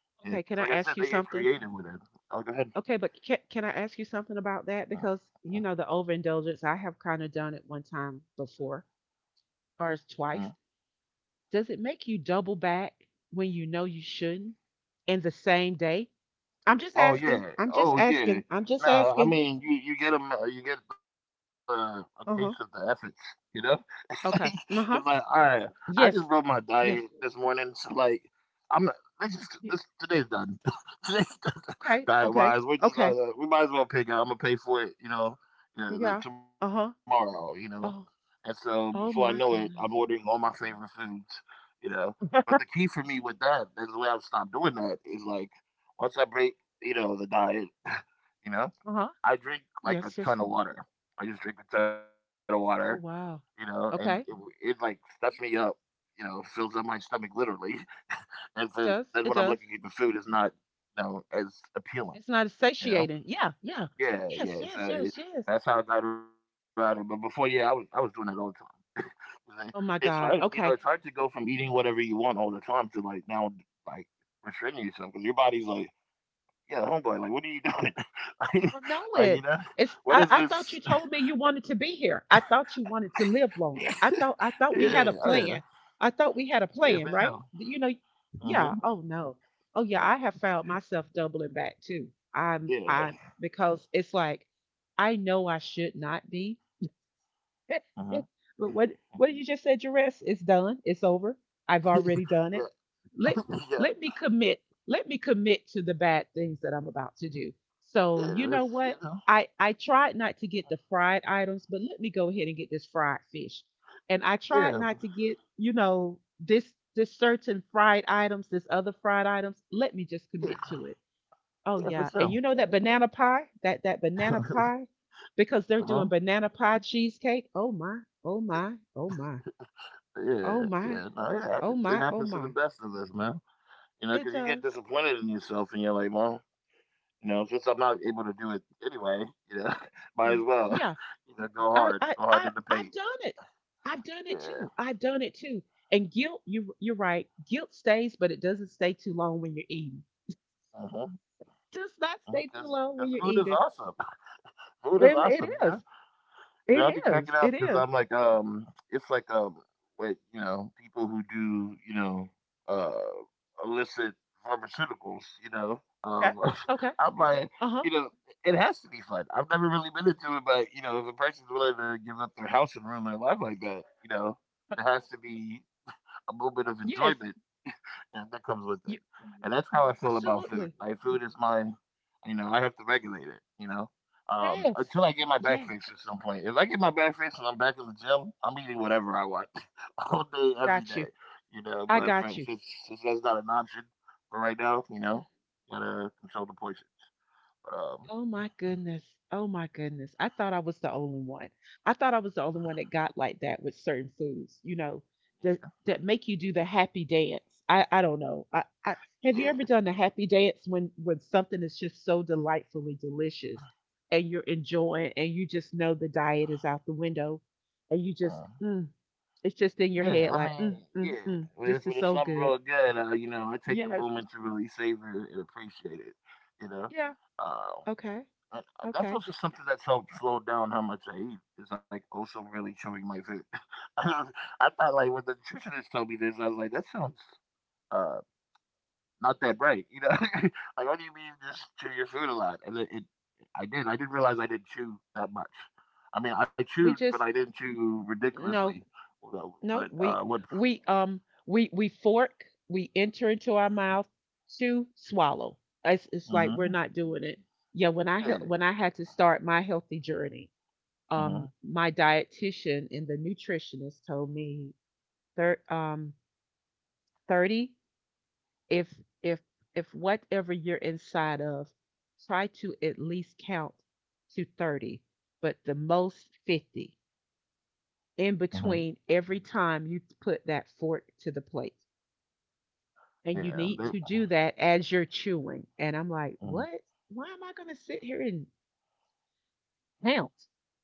Speaker 2: Yeah, because
Speaker 1: Okay,
Speaker 2: like I
Speaker 1: can I
Speaker 2: said, they
Speaker 1: ask you
Speaker 2: get
Speaker 1: something?
Speaker 2: creative with it. I'll go ahead.
Speaker 1: Okay, but can, can I ask you something about that?
Speaker 2: Mm,
Speaker 1: Because, you
Speaker 2: mm,
Speaker 1: know, the overindulgence, I have kind of done it one time before, or
Speaker 2: mm.
Speaker 1: it's twice. Does it make you double back when you know you shouldn't in the same day? I'm just
Speaker 2: Oh
Speaker 1: asking.
Speaker 2: yeah.
Speaker 1: I'm just
Speaker 2: Oh yeah.
Speaker 1: asking. I'm just
Speaker 2: No, I
Speaker 1: asking.
Speaker 2: mean you you get them, you get the a taste of the
Speaker 1: Uh
Speaker 2: efforts,
Speaker 1: huh.
Speaker 2: you know? It's like it's
Speaker 1: Okay.
Speaker 2: like all
Speaker 1: Uh huh.
Speaker 2: right, I just wrote my
Speaker 1: Yes.
Speaker 2: diet this
Speaker 1: Yes.
Speaker 2: morning. So like I'm not this is
Speaker 1: Yeah,
Speaker 2: this
Speaker 1: yeah.
Speaker 2: today's done. Today's done
Speaker 1: Okay.
Speaker 2: diet wise.
Speaker 1: Okay.
Speaker 2: We're just uh,
Speaker 1: Okay.
Speaker 2: we might as well pick out. I'm gonna pay for it, you know, yeah, the,
Speaker 1: Yeah. Uh
Speaker 2: tomorrow,
Speaker 1: huh.
Speaker 2: you know. And
Speaker 1: Oh.
Speaker 2: so before I know
Speaker 1: Oh
Speaker 2: it, I'm
Speaker 1: my
Speaker 2: ordering all
Speaker 1: goodness.
Speaker 2: my favorite foods, you know. But the key for me with that, that's the way I've stopped doing that, is like once I break, you know, the diet, you know.
Speaker 1: Uh-huh.
Speaker 2: I drink like a
Speaker 1: Yes, yes.
Speaker 2: ton of water. I just drink a ton of water,
Speaker 1: Oh
Speaker 2: you know,
Speaker 1: wow.
Speaker 2: and it, it
Speaker 1: Okay. It
Speaker 2: like stuffs me up, you know, fills up my stomach literally. And so then
Speaker 1: does.
Speaker 2: when I'm
Speaker 1: It
Speaker 2: looking at the
Speaker 1: does.
Speaker 2: food, it's not, you know, as appealing,
Speaker 1: It's not as
Speaker 2: you know.
Speaker 1: satiating. Yeah, yeah.
Speaker 2: Yeah, yeah.
Speaker 1: Yes, yes,
Speaker 2: So it,
Speaker 1: yes, yes.
Speaker 2: that's how I got around it. But before, yeah, I was I was doing that all the time. You know, it's
Speaker 1: Oh
Speaker 2: hard,
Speaker 1: my
Speaker 2: you know,
Speaker 1: God.
Speaker 2: it's hard to
Speaker 1: Okay.
Speaker 2: go from eating whatever you want all the time to like now, like restricting yourself because your body's like, yeah, homeboy, like, what are you doing? like,
Speaker 1: I know
Speaker 2: like,
Speaker 1: it.
Speaker 2: you know,
Speaker 1: It's
Speaker 2: what
Speaker 1: I,
Speaker 2: is
Speaker 1: I thought you
Speaker 2: this?
Speaker 1: told me you wanted to be here. I thought you wanted to live longer. I thought I
Speaker 2: Yeah, oh,
Speaker 1: thought we
Speaker 2: yeah,
Speaker 1: had a plan. I thought we
Speaker 2: yeah,
Speaker 1: had a
Speaker 2: for sure.
Speaker 1: plan, right? You know,
Speaker 2: Mm-hmm.
Speaker 1: yeah. Oh no. Oh yeah, I have found myself doubling back too. I'm I'm
Speaker 2: Yeah.
Speaker 1: because it's like I know I should not be.
Speaker 2: Mm-hmm.
Speaker 1: But what what you just said, Jerez, it's done. It's over. I've already done it.
Speaker 2: Yeah,
Speaker 1: Let
Speaker 2: yeah,
Speaker 1: let me commit. Let me commit to the bad things that I'm about to do. So
Speaker 2: yeah,
Speaker 1: you know
Speaker 2: that's,
Speaker 1: what?
Speaker 2: you know,
Speaker 1: I I tried not to get the fried items, but let me go ahead and get this fried fish. And I tried
Speaker 2: yeah,
Speaker 1: not to get you know this this certain fried items, this other fried items. Let me just commit
Speaker 2: yeah,
Speaker 1: to it. Oh
Speaker 2: yeah,
Speaker 1: yeah,
Speaker 2: for
Speaker 1: and you
Speaker 2: sure.
Speaker 1: know that banana pie, that that banana pie, because they're doing
Speaker 2: Uh-huh.
Speaker 1: banana pie cheesecake. Oh my, oh my, oh my,
Speaker 2: Yeah,
Speaker 1: oh my,
Speaker 2: yeah, no, it
Speaker 1: oh
Speaker 2: happens. It
Speaker 1: my, oh
Speaker 2: happens to the
Speaker 1: my.
Speaker 2: best of us, man. You know,
Speaker 1: It
Speaker 2: because you get
Speaker 1: does.
Speaker 2: disappointed in yourself and you're like, well, you know, since I'm not able to do it anyway, you know, might as
Speaker 1: Yeah,
Speaker 2: well,
Speaker 1: yeah.
Speaker 2: you know, go
Speaker 1: I
Speaker 2: hard,
Speaker 1: I
Speaker 2: go hard
Speaker 1: I
Speaker 2: in the
Speaker 1: I've
Speaker 2: paint.
Speaker 1: done it. I've done it
Speaker 2: Yeah.
Speaker 1: too. I've done it too. And guilt, you you're right. Guilt stays, but it doesn't stay too long when you're eating.
Speaker 2: Uh-huh.
Speaker 1: Does not stay too
Speaker 2: Because
Speaker 1: long when you're
Speaker 2: food is
Speaker 1: eating.
Speaker 2: awesome. Food
Speaker 1: It,
Speaker 2: is
Speaker 1: it
Speaker 2: awesome, you know.
Speaker 1: is.
Speaker 2: And I'll
Speaker 1: It
Speaker 2: be
Speaker 1: is.
Speaker 2: cracking
Speaker 1: It
Speaker 2: up because
Speaker 1: is.
Speaker 2: I'm like, um, it's like um, wait, you know, people who do, you know, uh, illicit pharmaceuticals, you know.
Speaker 1: Okay.
Speaker 2: Um,
Speaker 1: Okay.
Speaker 2: I'm like,
Speaker 1: Uh huh.
Speaker 2: you know, it has to be fun. I've never really been into it, but you know, if a person's willing to give up their house and ruin their life like that, you know, there has to be a moment of
Speaker 1: Yes.
Speaker 2: enjoyment and that comes with
Speaker 1: You,
Speaker 2: it. And that's how I feel about food.
Speaker 1: absolutely.
Speaker 2: Like food is my, you know, I have to regulate it. You know, um,
Speaker 1: Yes.
Speaker 2: until I get my back
Speaker 1: Yes.
Speaker 2: fixed at some point. If I get my back fixed and I'm back in the gym, I'm eating whatever I want all day, every
Speaker 1: Got you.
Speaker 2: day. You know,
Speaker 1: I
Speaker 2: but for,
Speaker 1: got you.
Speaker 2: since, since that's not an option for right now, you know, gotta control the portions. But um,
Speaker 1: Oh my goodness. Oh my goodness. I thought I was the only one. I thought I was the only one that got like that with certain foods, you know, that that make you do the happy dance. I I don't know. I, I have
Speaker 2: yeah,
Speaker 1: you ever
Speaker 2: yeah.
Speaker 1: done the happy dance when when something is just so delightfully delicious, and you're enjoying, and you just know the diet is out the window, and you just
Speaker 2: Um,
Speaker 1: mm, it's just in your
Speaker 2: yeah,
Speaker 1: head
Speaker 2: I
Speaker 1: like
Speaker 2: mean,
Speaker 1: mm, mm,
Speaker 2: yeah.
Speaker 1: mm,
Speaker 2: When it's,
Speaker 1: this is
Speaker 2: when it's
Speaker 1: so
Speaker 2: something
Speaker 1: good.
Speaker 2: real good, uh, you know, I take the
Speaker 1: Yes.
Speaker 2: moment to really savor it and appreciate it, you know.
Speaker 1: Yeah.
Speaker 2: Uh,
Speaker 1: Okay.
Speaker 2: Uh, uh, that's
Speaker 1: Okay.
Speaker 2: also something that's helped slow down how much I eat. It's like also really chewing my food. I was- I thought like when the nutritionist told me this, I was like, that sounds uh not that right, you know? Like what do you mean just chew your food a lot? And it, it I did. I didn't realize I didn't chew that much. I mean, I
Speaker 1: We
Speaker 2: chewed, but
Speaker 1: just
Speaker 2: I didn't chew
Speaker 1: no,
Speaker 2: ridiculously. So,
Speaker 1: no.
Speaker 2: but
Speaker 1: We
Speaker 2: uh, what?
Speaker 1: we um we we fork. We enter into our mouth to swallow. It's it's like we're
Speaker 2: Mm-hmm.
Speaker 1: not doing it. Yeah. When I hel-
Speaker 2: Yeah.
Speaker 1: when I had to start my healthy journey, um,
Speaker 2: Mm-hmm.
Speaker 1: my dietitian and the nutritionist told me thir- um thirty, if if if whatever you're inside of, try to at least count to thirty, but the most fifty in
Speaker 2: Mm-hmm.
Speaker 1: between every time you put that fork to the plate. And you need
Speaker 2: Yeah.
Speaker 1: to
Speaker 2: They,
Speaker 1: do that as you're chewing. And I'm like,
Speaker 2: mm-hmm.
Speaker 1: what? Why am I going to sit here and count?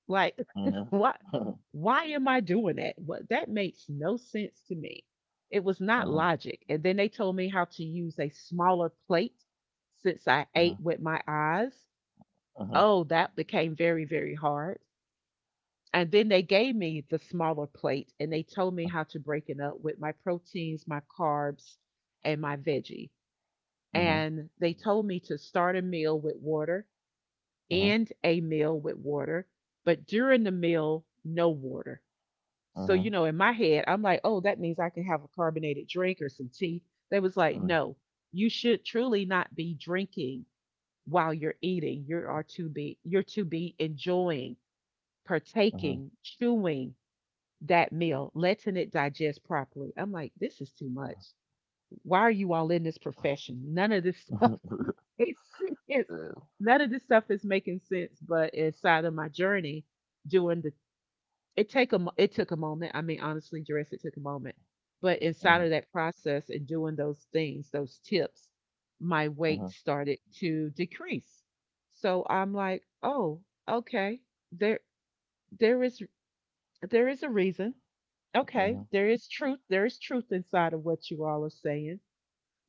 Speaker 1: Like,
Speaker 2: Mm-hmm.
Speaker 1: what? Why am I doing that? What, that makes no sense to me. It was not logic. And then they told me how to use a smaller plate since I ate
Speaker 2: Mm-hmm.
Speaker 1: with my eyes.
Speaker 2: Mm-hmm.
Speaker 1: Oh, that became very, very hard. And then they gave me the smaller plate and they told me how to break it up with my proteins, my carbs, and my veggie.
Speaker 2: Mm-hmm.
Speaker 1: And they told me to start a meal with water, end a meal with water, but during the meal, no water. So, you
Speaker 2: Mm-hmm.
Speaker 1: know, in my head, I'm like, oh, that means I can have a carbonated drink or some tea. They was like,
Speaker 2: Mm,
Speaker 1: no, you should truly not be drinking while you're eating. You are to be, you're to be enjoying,
Speaker 2: mhm.
Speaker 1: partaking, chewing, that meal, letting it digest properly. I'm like, this is too much. Why are you all in this profession? None of this stuff makes sense.
Speaker 2: Yeah.
Speaker 1: None of this stuff is making sense. But inside of my journey, doing the it take a mo- it took a moment. I mean, honestly, Jerris, it took a moment. But inside of
Speaker 2: Mhm,
Speaker 1: that process and doing those things, those tips, my weight
Speaker 2: mhm,
Speaker 1: started to decrease. So I'm like, oh, okay, there there is there is a reason. Okay,
Speaker 2: mhm.
Speaker 1: there is truth. There is truth inside of what you all are saying.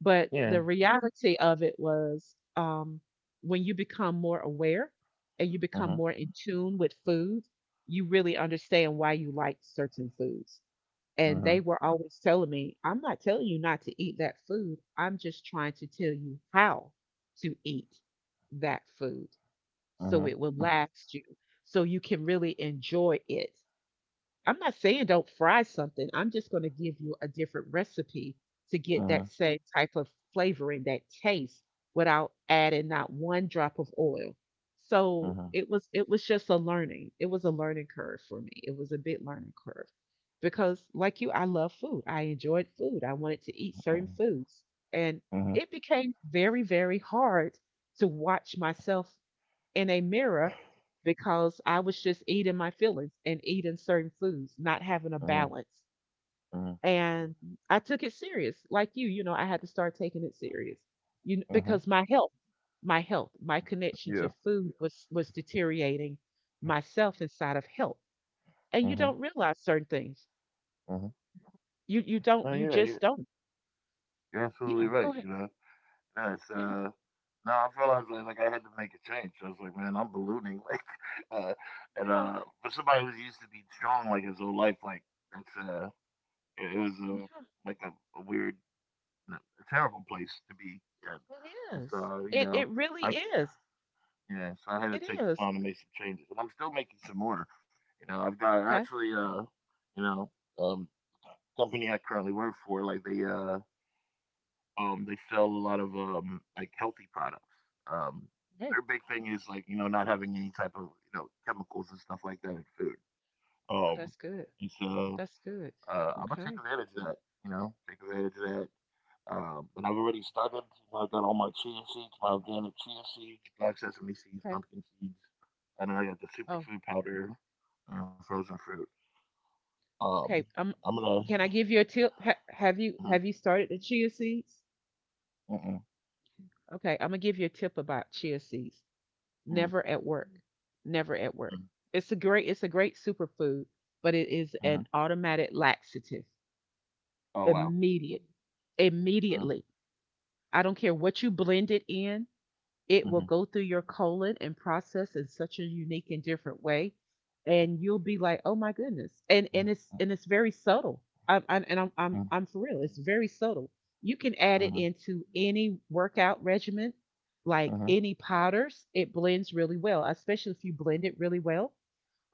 Speaker 1: But the
Speaker 2: Yeah.
Speaker 1: reality of it was um, when you become more aware and you become
Speaker 2: Mhm,
Speaker 1: more in tune with food, you really understand why you like certain foods. And they
Speaker 2: mhm,
Speaker 1: were always telling me, I'm not telling you not to eat that food. I'm just trying to tell you how to eat that food so
Speaker 2: mhm,
Speaker 1: it will last you, so you can really enjoy it. I'm not saying don't fry something, I'm just gonna give you a different recipe to get
Speaker 2: mhm,
Speaker 1: that same type of flavoring, that taste, without adding not one drop of oil. So
Speaker 2: mhm,
Speaker 1: it was it was just a learning. It was a learning curve for me. It was a big learning curve. Because like you, I love food. I enjoyed food. I wanted to eat
Speaker 2: mhm,
Speaker 1: certain foods. And
Speaker 2: mhm,
Speaker 1: it became very, very hard to watch myself in a mirror because I was just eating my feelings and eating certain foods, not having a
Speaker 2: mhm,
Speaker 1: balance.
Speaker 2: mhm,
Speaker 1: And I took it serious, like you, you know, I had to start taking it serious, you know,
Speaker 2: mhm.
Speaker 1: because my health, my health, my connection
Speaker 2: Yeah.
Speaker 1: to food was was deteriorating myself inside of health. And you
Speaker 2: Mhm,
Speaker 1: don't realize certain things.
Speaker 2: mhm.
Speaker 1: You you don't,
Speaker 2: Oh
Speaker 1: you
Speaker 2: yeah, you-
Speaker 1: just don't.
Speaker 2: you're absolutely
Speaker 1: Yeah, go
Speaker 2: right,
Speaker 1: ahead.
Speaker 2: you know. Yeah, it's,
Speaker 1: Yeah,
Speaker 2: uh, no, I realized, like, like, like, I had to make a change. I was like, man, I'm ballooning, like, uh, and,
Speaker 1: yeah,
Speaker 2: uh, for somebody who's used to be strong, like, his whole life, like, that's, uh, it, it was, uh,
Speaker 1: yeah.
Speaker 2: like a, a weird, no, a terrible place to be in.
Speaker 1: It
Speaker 2: And
Speaker 1: is.
Speaker 2: so, you
Speaker 1: It
Speaker 2: know,
Speaker 1: it really
Speaker 2: I
Speaker 1: is.
Speaker 2: Yeah, so I had to
Speaker 1: It
Speaker 2: take the
Speaker 1: is.
Speaker 2: time to make some changes, and I'm still making some more. You know, I've got
Speaker 1: Okay.
Speaker 2: actually, uh, you know, um, company I currently work for, like they, uh, um, they sell a lot of um, like healthy products. Um,
Speaker 1: Hey,
Speaker 2: their big thing is like you know not having any type of you know chemicals and stuff like that in food.
Speaker 1: oh,
Speaker 2: Um,
Speaker 1: that's good.
Speaker 2: and so
Speaker 1: That's good.
Speaker 2: uh, I'm gonna take
Speaker 1: Okay.
Speaker 2: advantage of that. You know, take advantage of that um, and I've already started. You know, I've got all my chia seeds, my organic chia seeds, black sesame seeds,
Speaker 1: Okay.
Speaker 2: pumpkin seeds, and then I got the
Speaker 1: Oh,
Speaker 2: superfood powder and frozen fruit. Um,
Speaker 1: okay. Um,
Speaker 2: I'm gonna.
Speaker 1: can I give you a tip? Ha- have you
Speaker 2: Mhm,
Speaker 1: have you started the chia seeds?
Speaker 2: mhm,
Speaker 1: Okay, I'm gonna give you a tip about chia seeds.
Speaker 2: mhm,
Speaker 1: Never at work. Never at work.
Speaker 2: mhm,
Speaker 1: It's a great it's a great superfood, but it is
Speaker 2: mhm.
Speaker 1: an automatic laxative.
Speaker 2: Oh wow.
Speaker 1: Immediate.
Speaker 2: Mm,
Speaker 1: Immediately. I don't care what you blend it in. It will
Speaker 2: mhm,
Speaker 1: go through your colon and process in such a unique and different way. And you'll be like, oh my goodness. And and
Speaker 2: mhm,
Speaker 1: it's and it's very subtle. I'm, I'm and I'm
Speaker 2: mhm,
Speaker 1: I'm I'm for real. It's very subtle. You can add it
Speaker 2: mhm,
Speaker 1: into any workout regimen, like
Speaker 2: mhm,
Speaker 1: any powders. It blends really well, especially if you blend it really well.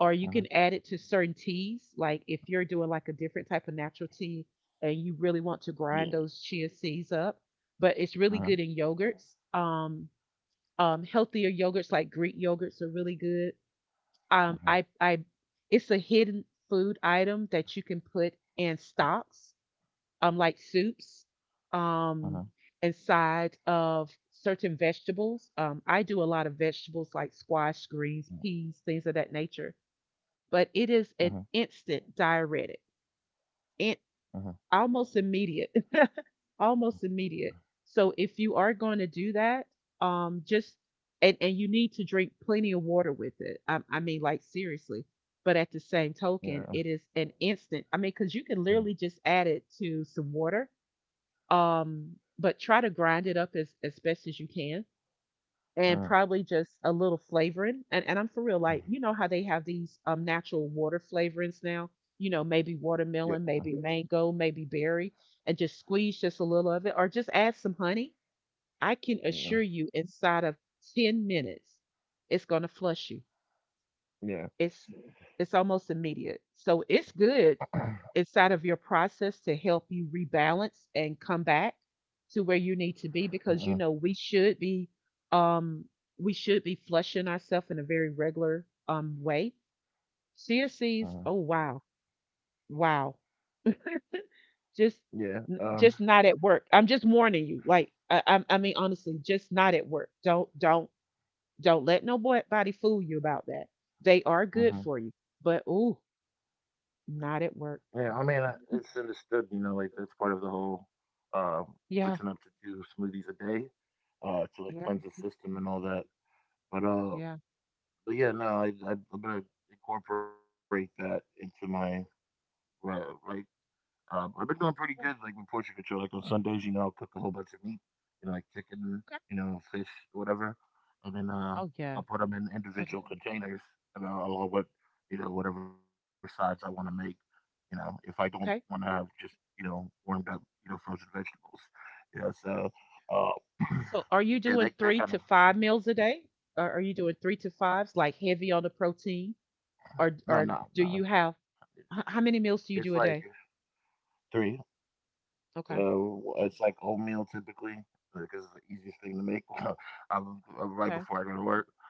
Speaker 1: Or you
Speaker 2: mhm.
Speaker 1: can add it to certain teas, like if you're doing like a different type of natural tea and you really want to
Speaker 2: Yeah.
Speaker 1: grind those chia seeds up. But it's
Speaker 2: Mhm,
Speaker 1: really good in yogurts. Um, um, healthier yogurts like Greek yogurts are really good. Um,
Speaker 2: mhm,
Speaker 1: I I it's a hidden food item that you can put in stocks, um, like soups,
Speaker 2: mhm,
Speaker 1: um, inside of certain vegetables. Um, I do a lot of vegetables like squash, greens, peas, things of that nature. But
Speaker 2: mhm,
Speaker 1: it
Speaker 2: mhm,
Speaker 1: is an instant diuretic, it
Speaker 2: mhm.
Speaker 1: almost immediate. Almost immediate. So if you are going to do that, um, just and and you need to drink plenty of water with it. I, I mean, like seriously. But at the same
Speaker 2: Yeah.
Speaker 1: token, it is an instant. I mean, because you
Speaker 2: Mhm,
Speaker 1: can literally just add it to some water. Um, but try to grind it up as as best as you can, and
Speaker 2: mhm.
Speaker 1: probably just a little flavoring. And and I'm for real, like you know how they have these um natural water flavorings now. You know, maybe
Speaker 2: Yeah.
Speaker 1: watermelon, maybe mango, maybe berry, and just squeeze just a little of it, or just add some honey. I can
Speaker 2: Yeah.
Speaker 1: assure you, inside of ten minutes, it's gonna flush you.
Speaker 2: Yeah.
Speaker 1: It's it's almost immediate. So it's good inside of your process to help you rebalance and come back to where you
Speaker 2: Mhm,
Speaker 1: need to be because you know we should be um we should be flushing ourselves in a very regular um way. C S
Speaker 2: mhm.
Speaker 1: C's, oh wow, wow. Just
Speaker 2: Yeah. Um.
Speaker 1: n- just not at work. I'm just warning you. Like I I, I mean honestly, just not at work. Don't don't don't let nobody fool you about that. They are good
Speaker 2: Mhm.
Speaker 1: for you, but ooh, not at
Speaker 2: Yeah, I
Speaker 1: work.
Speaker 2: mean, uh, it's understood, you know, like that's part of the whole um, switching up
Speaker 1: Yeah,
Speaker 2: to two smoothies a day uh, to like
Speaker 1: yeah,
Speaker 2: cleanse the system and all that. But uh,
Speaker 1: yeah.
Speaker 2: but yeah, no, I, I, I'm gonna incorporate that into my uh, right um, I've been doing pretty good, like
Speaker 1: Oh,
Speaker 2: with portion control. Like on Sundays, you know, I'll cook a whole bunch of meat, you know, like chicken,
Speaker 1: okay.
Speaker 2: you know, fish, whatever, and then uh,
Speaker 1: Oh,
Speaker 2: I'll
Speaker 1: yeah.
Speaker 2: put them in
Speaker 1: Okay.
Speaker 2: individual containers, and I'll, along with you know whatever sides I want to make. You know, if I don't want to have
Speaker 1: Okay.
Speaker 2: just you know warmed up, you know, frozen vegetables. You know, so uh,
Speaker 1: So are you
Speaker 2: yeah, that
Speaker 1: doing
Speaker 2: that
Speaker 1: three
Speaker 2: kind of
Speaker 1: to five meals a day? Or are you doing three to fives, like heavy on the protein? Or or
Speaker 2: no,
Speaker 1: do
Speaker 2: no,
Speaker 1: you
Speaker 2: no.
Speaker 1: have h- how many meals do you
Speaker 2: It's
Speaker 1: do a
Speaker 2: like
Speaker 1: day?
Speaker 2: three.
Speaker 1: Okay.
Speaker 2: So it's like oatmeal typically because it's the easiest thing to make. I love, uh, right
Speaker 1: Okay.
Speaker 2: before I go to work,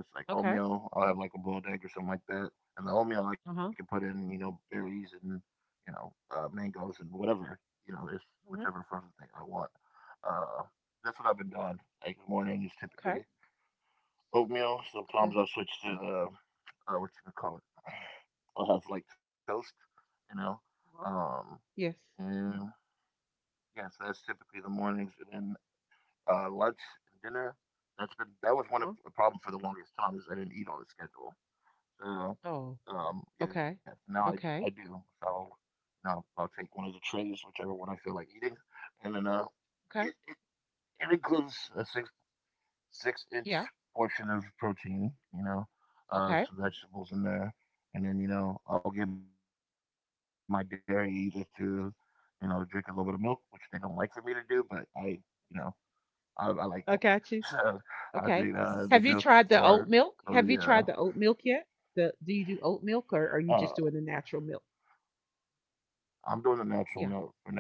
Speaker 2: so it's like
Speaker 1: Okay.
Speaker 2: oatmeal. I'll have like a boiled egg or something like that, and the oatmeal
Speaker 1: Uh-huh.
Speaker 2: I can put in you know berries and you know uh, mangoes and whatever you know it's
Speaker 1: Hmm.
Speaker 2: whichever frozen thing I want. Uh, that's what I've been doing. Like morning is
Speaker 1: Okay.
Speaker 2: typically oatmeal. Sometimes
Speaker 1: Okay.
Speaker 2: I'll switch to uh, uh, what you would call it. I'll have like toast, you know.
Speaker 1: Uh-huh.
Speaker 2: Um,
Speaker 1: Yes.
Speaker 2: and yeah, so that's typically the mornings. And then uh, lunch and dinner. That's been that was one of
Speaker 1: Uh-huh.
Speaker 2: the problem for the longest time is I didn't eat on a schedule. So
Speaker 1: Oh,
Speaker 2: um, yeah,
Speaker 1: okay.
Speaker 2: now I I do.
Speaker 1: Okay.
Speaker 2: So now I'll take one of the trays, whichever one I feel like eating, and then uh, it,
Speaker 1: Okay.
Speaker 2: it includes a six six inch
Speaker 1: Yeah.
Speaker 2: portion of protein. You know, uh,
Speaker 1: Okay.
Speaker 2: some vegetables in there, and then you know I'll get my dairy either through you know drink a little bit of milk, which they don't like for me to do, but I you know I, I like milk. So
Speaker 1: I
Speaker 2: I
Speaker 1: got you.
Speaker 2: drink uh, the milk
Speaker 1: Okay.
Speaker 2: or,
Speaker 1: Have you
Speaker 2: or
Speaker 1: tried the
Speaker 2: the
Speaker 1: oat
Speaker 2: uh,
Speaker 1: milk? Have you tried the oat milk yet? The do you do oat
Speaker 2: uh,
Speaker 1: milk or are you just doing the natural milk?
Speaker 2: I'm doing the natural milk
Speaker 1: Yeah.
Speaker 2: for now.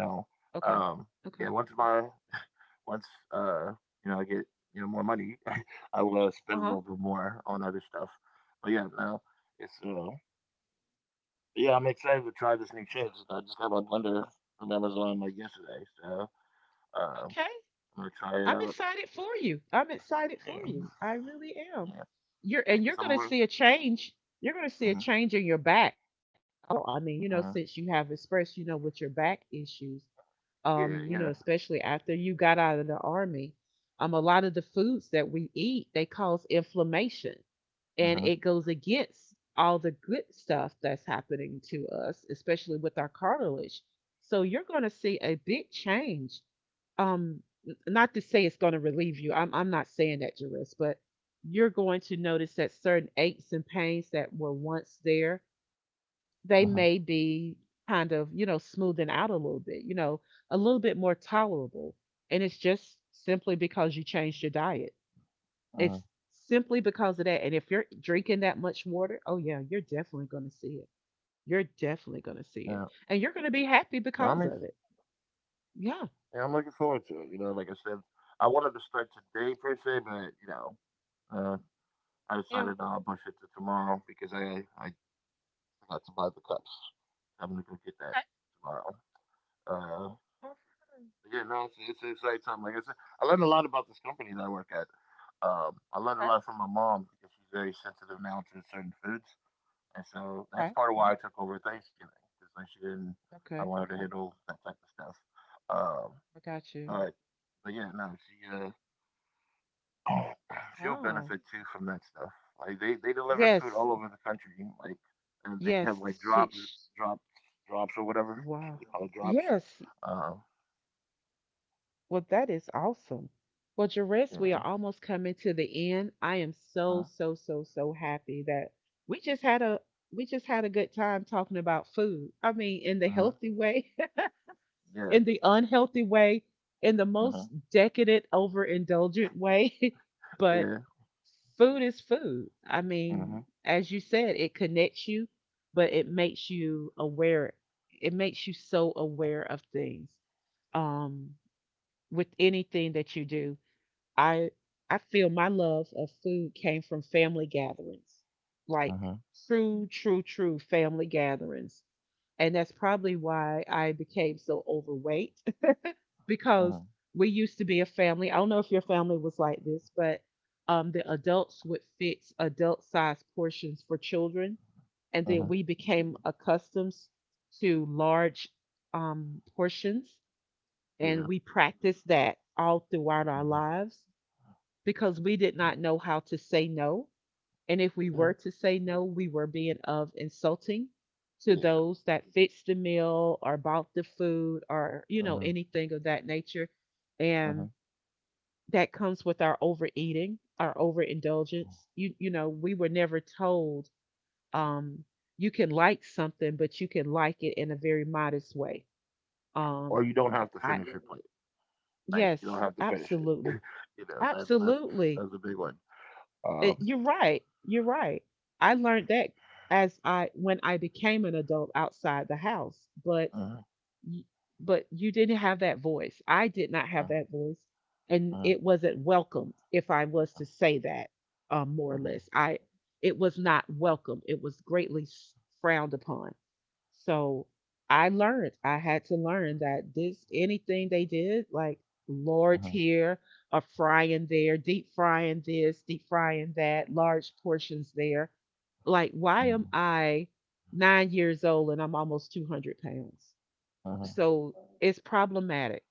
Speaker 1: Okay.
Speaker 2: Um, yeah,
Speaker 1: Okay.
Speaker 2: once my once uh, you know I get you know more money, I will uh,
Speaker 1: Uh
Speaker 2: spend
Speaker 1: huh.
Speaker 2: a little bit more on other stuff. But yeah, no, it's uh, yeah, I'm excited to try this new chips. I just got my blender from Amazon like yesterday, so uh, I'm
Speaker 1: Okay.
Speaker 2: gonna try
Speaker 1: I'm
Speaker 2: it out.
Speaker 1: excited for you. I'm excited for you.
Speaker 2: Yeah,
Speaker 1: I really am.
Speaker 2: yeah,
Speaker 1: You're and you're gonna
Speaker 2: yeah, because
Speaker 1: see a
Speaker 2: I'm really,
Speaker 1: change. You're gonna see a change in
Speaker 2: hmm
Speaker 1: your back. Oh, I mean, you know,
Speaker 2: hmm
Speaker 1: since you have expressed, you know, with your back issues, um,
Speaker 2: yeah,
Speaker 1: you know,
Speaker 2: yeah,
Speaker 1: especially after you got out of the army, um, a lot of the foods that we eat they cause inflammation, and it
Speaker 2: uh
Speaker 1: goes
Speaker 2: huh.
Speaker 1: against all the good stuff that's happening to us, especially with our cartilage. So you're going to see a big change, um n- not to say it's going to relieve you, i'm i'm not saying that, Jerris, but you're going to notice that certain aches and pains that were once there,
Speaker 2: Uh huh.
Speaker 1: they may be kind of, you know, smoothing out a little bit, you know, a little bit more tolerable, and it's just simply because you changed your diet. It's
Speaker 2: Uh-huh.
Speaker 1: simply because of that. And if you're drinking that much water, oh yeah, you're definitely going to see it. You're definitely
Speaker 2: Yeah.
Speaker 1: going to see it, and you're going to be
Speaker 2: No, I'm
Speaker 1: happy
Speaker 2: ex-
Speaker 1: because of it.
Speaker 2: yeah,
Speaker 1: Yeah,
Speaker 2: I'm looking forward to it. You know, like I said, I wanted to start today per se, but you know, uh, I
Speaker 1: yeah.
Speaker 2: decided no, I'll push it to tomorrow because I I forgot to buy the cups. I'm gonna go get that
Speaker 1: Okay,
Speaker 2: tomorrow. Uh, but yeah, no, it's, it's an exciting time. Like I said, I learned a lot about this company that I work at. Um, I learned a
Speaker 1: okay,
Speaker 2: lot from my mom because she's very sensitive now to certain foods, and so that's
Speaker 1: okay.
Speaker 2: part of why I took over Thanksgiving because like she didn't. I
Speaker 1: Okay,
Speaker 2: wanted to handle that type of stuff. Um,
Speaker 1: I got you.
Speaker 2: Uh, but yeah, no, she uh, she'll
Speaker 1: Wow.
Speaker 2: benefit too from that stuff. Like they, they deliver food
Speaker 1: Yes,
Speaker 2: all over the country. Like and they have
Speaker 1: yes.
Speaker 2: like drops,
Speaker 1: She, sh
Speaker 2: drops, drops or whatever they
Speaker 1: wow.
Speaker 2: call it drops.
Speaker 1: Yes.
Speaker 2: Uh,
Speaker 1: Well, that is awesome. Well, Jerez,
Speaker 2: yeah,
Speaker 1: we are almost coming to the end. I am
Speaker 2: uh,
Speaker 1: so, so, so, so happy that we just had a we just had a good time talking about food. I mean, in the
Speaker 2: uh,
Speaker 1: healthy way.
Speaker 2: yeah,
Speaker 1: In the unhealthy way, in the
Speaker 2: uh,
Speaker 1: most decadent, overindulgent way. But
Speaker 2: yeah,
Speaker 1: food is food. I
Speaker 2: uh,
Speaker 1: mean, as you said, it connects you, but it makes you aware. It makes you so aware of things. Um, with anything that you do, I I feel my love of food came from family gatherings, like true, true, true family gatherings, and that's probably why I became so overweight
Speaker 2: uh, uh,
Speaker 1: because we used to be a family. I don't know if your family was like this, but um, the adults would fix adult sized portions for children. And
Speaker 2: uh,
Speaker 1: then we became accustomed to large um, portions.
Speaker 2: yeah,
Speaker 1: And we practiced that all throughout our
Speaker 2: uh,
Speaker 1: lives because we did not know how to say no. And if we
Speaker 2: yeah,
Speaker 1: were to say no, we were being of insulting to
Speaker 2: yeah.
Speaker 1: those that fixed the meal or bought the food or, you know,
Speaker 2: Uh,
Speaker 1: anything of that nature.
Speaker 2: uh,
Speaker 1: And that comes with our overeating, our overindulgence. You you know, we were never told um you can like something, but you can like it in a very modest way. Um
Speaker 2: or you don't have to
Speaker 1: I
Speaker 2: finish your plate. Like you don't
Speaker 1: yes,
Speaker 2: have to finish it.
Speaker 1: absolutely.
Speaker 2: You know that's that's
Speaker 1: Absolutely.
Speaker 2: that's a big one.
Speaker 1: It-
Speaker 2: Um,
Speaker 1: you're right. You're right. I learned that as I when I became an adult outside the house, but
Speaker 2: uh,
Speaker 1: y- but you didn't have that voice. I did not have
Speaker 2: uh,
Speaker 1: that voice, and
Speaker 2: uh,
Speaker 1: it wasn't welcomed if I was to say that, um, more or
Speaker 2: uh,
Speaker 1: less. I it was not welcome. It was greatly s- frowned upon. So I learned. I had to learn that this anything they did, like lard
Speaker 2: uh,
Speaker 1: here, a frying there, deep frying this, deep frying that, large portions there. Like, why am
Speaker 2: Mhm,
Speaker 1: I nine years old and I'm almost two hundred pounds?
Speaker 2: mhm,
Speaker 1: So it's problematic.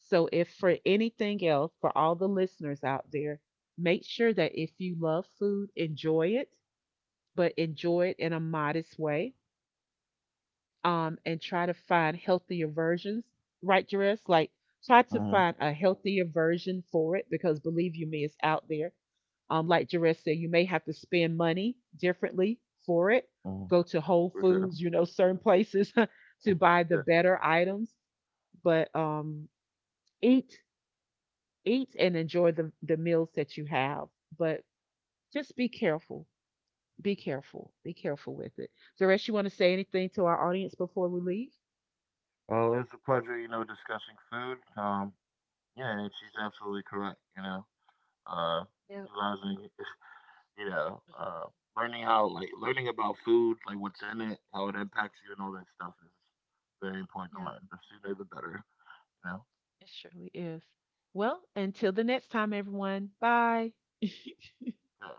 Speaker 1: So if for anything else, for all the listeners out there, make sure that if you love food, enjoy it, but enjoy it in a modest way. Um, and try to find healthier versions, right, Jerris? Like try to
Speaker 2: mhm,
Speaker 1: find a healthier version for it because believe you me, it's out there. Um, like Jerris said, you may have to spend money differently for it.
Speaker 2: mhm.
Speaker 1: Go to Whole
Speaker 2: For sure.
Speaker 1: Foods, you know, certain places to buy the
Speaker 2: Yeah.
Speaker 1: better items, but um eat, eat and enjoy the the meals that you have, but just be careful. Be careful. Be careful with it. Zeresh, you want to say anything to our audience before we leave?
Speaker 2: Well, it's a pleasure, you know, discussing food. Um, yeah, and she's
Speaker 1: Sure.
Speaker 2: absolutely correct. You know, uh,
Speaker 1: Yeah.
Speaker 2: utilizing, you know,
Speaker 1: Mhm.
Speaker 2: uh, learning how, like, learning about food, like what's in it, how it impacts you, and all that stuff is very important to
Speaker 1: Yeah.
Speaker 2: learn. The sooner, the better. You know.
Speaker 1: It surely is. Well, until the next time, everyone. Bye.
Speaker 2: Yeah.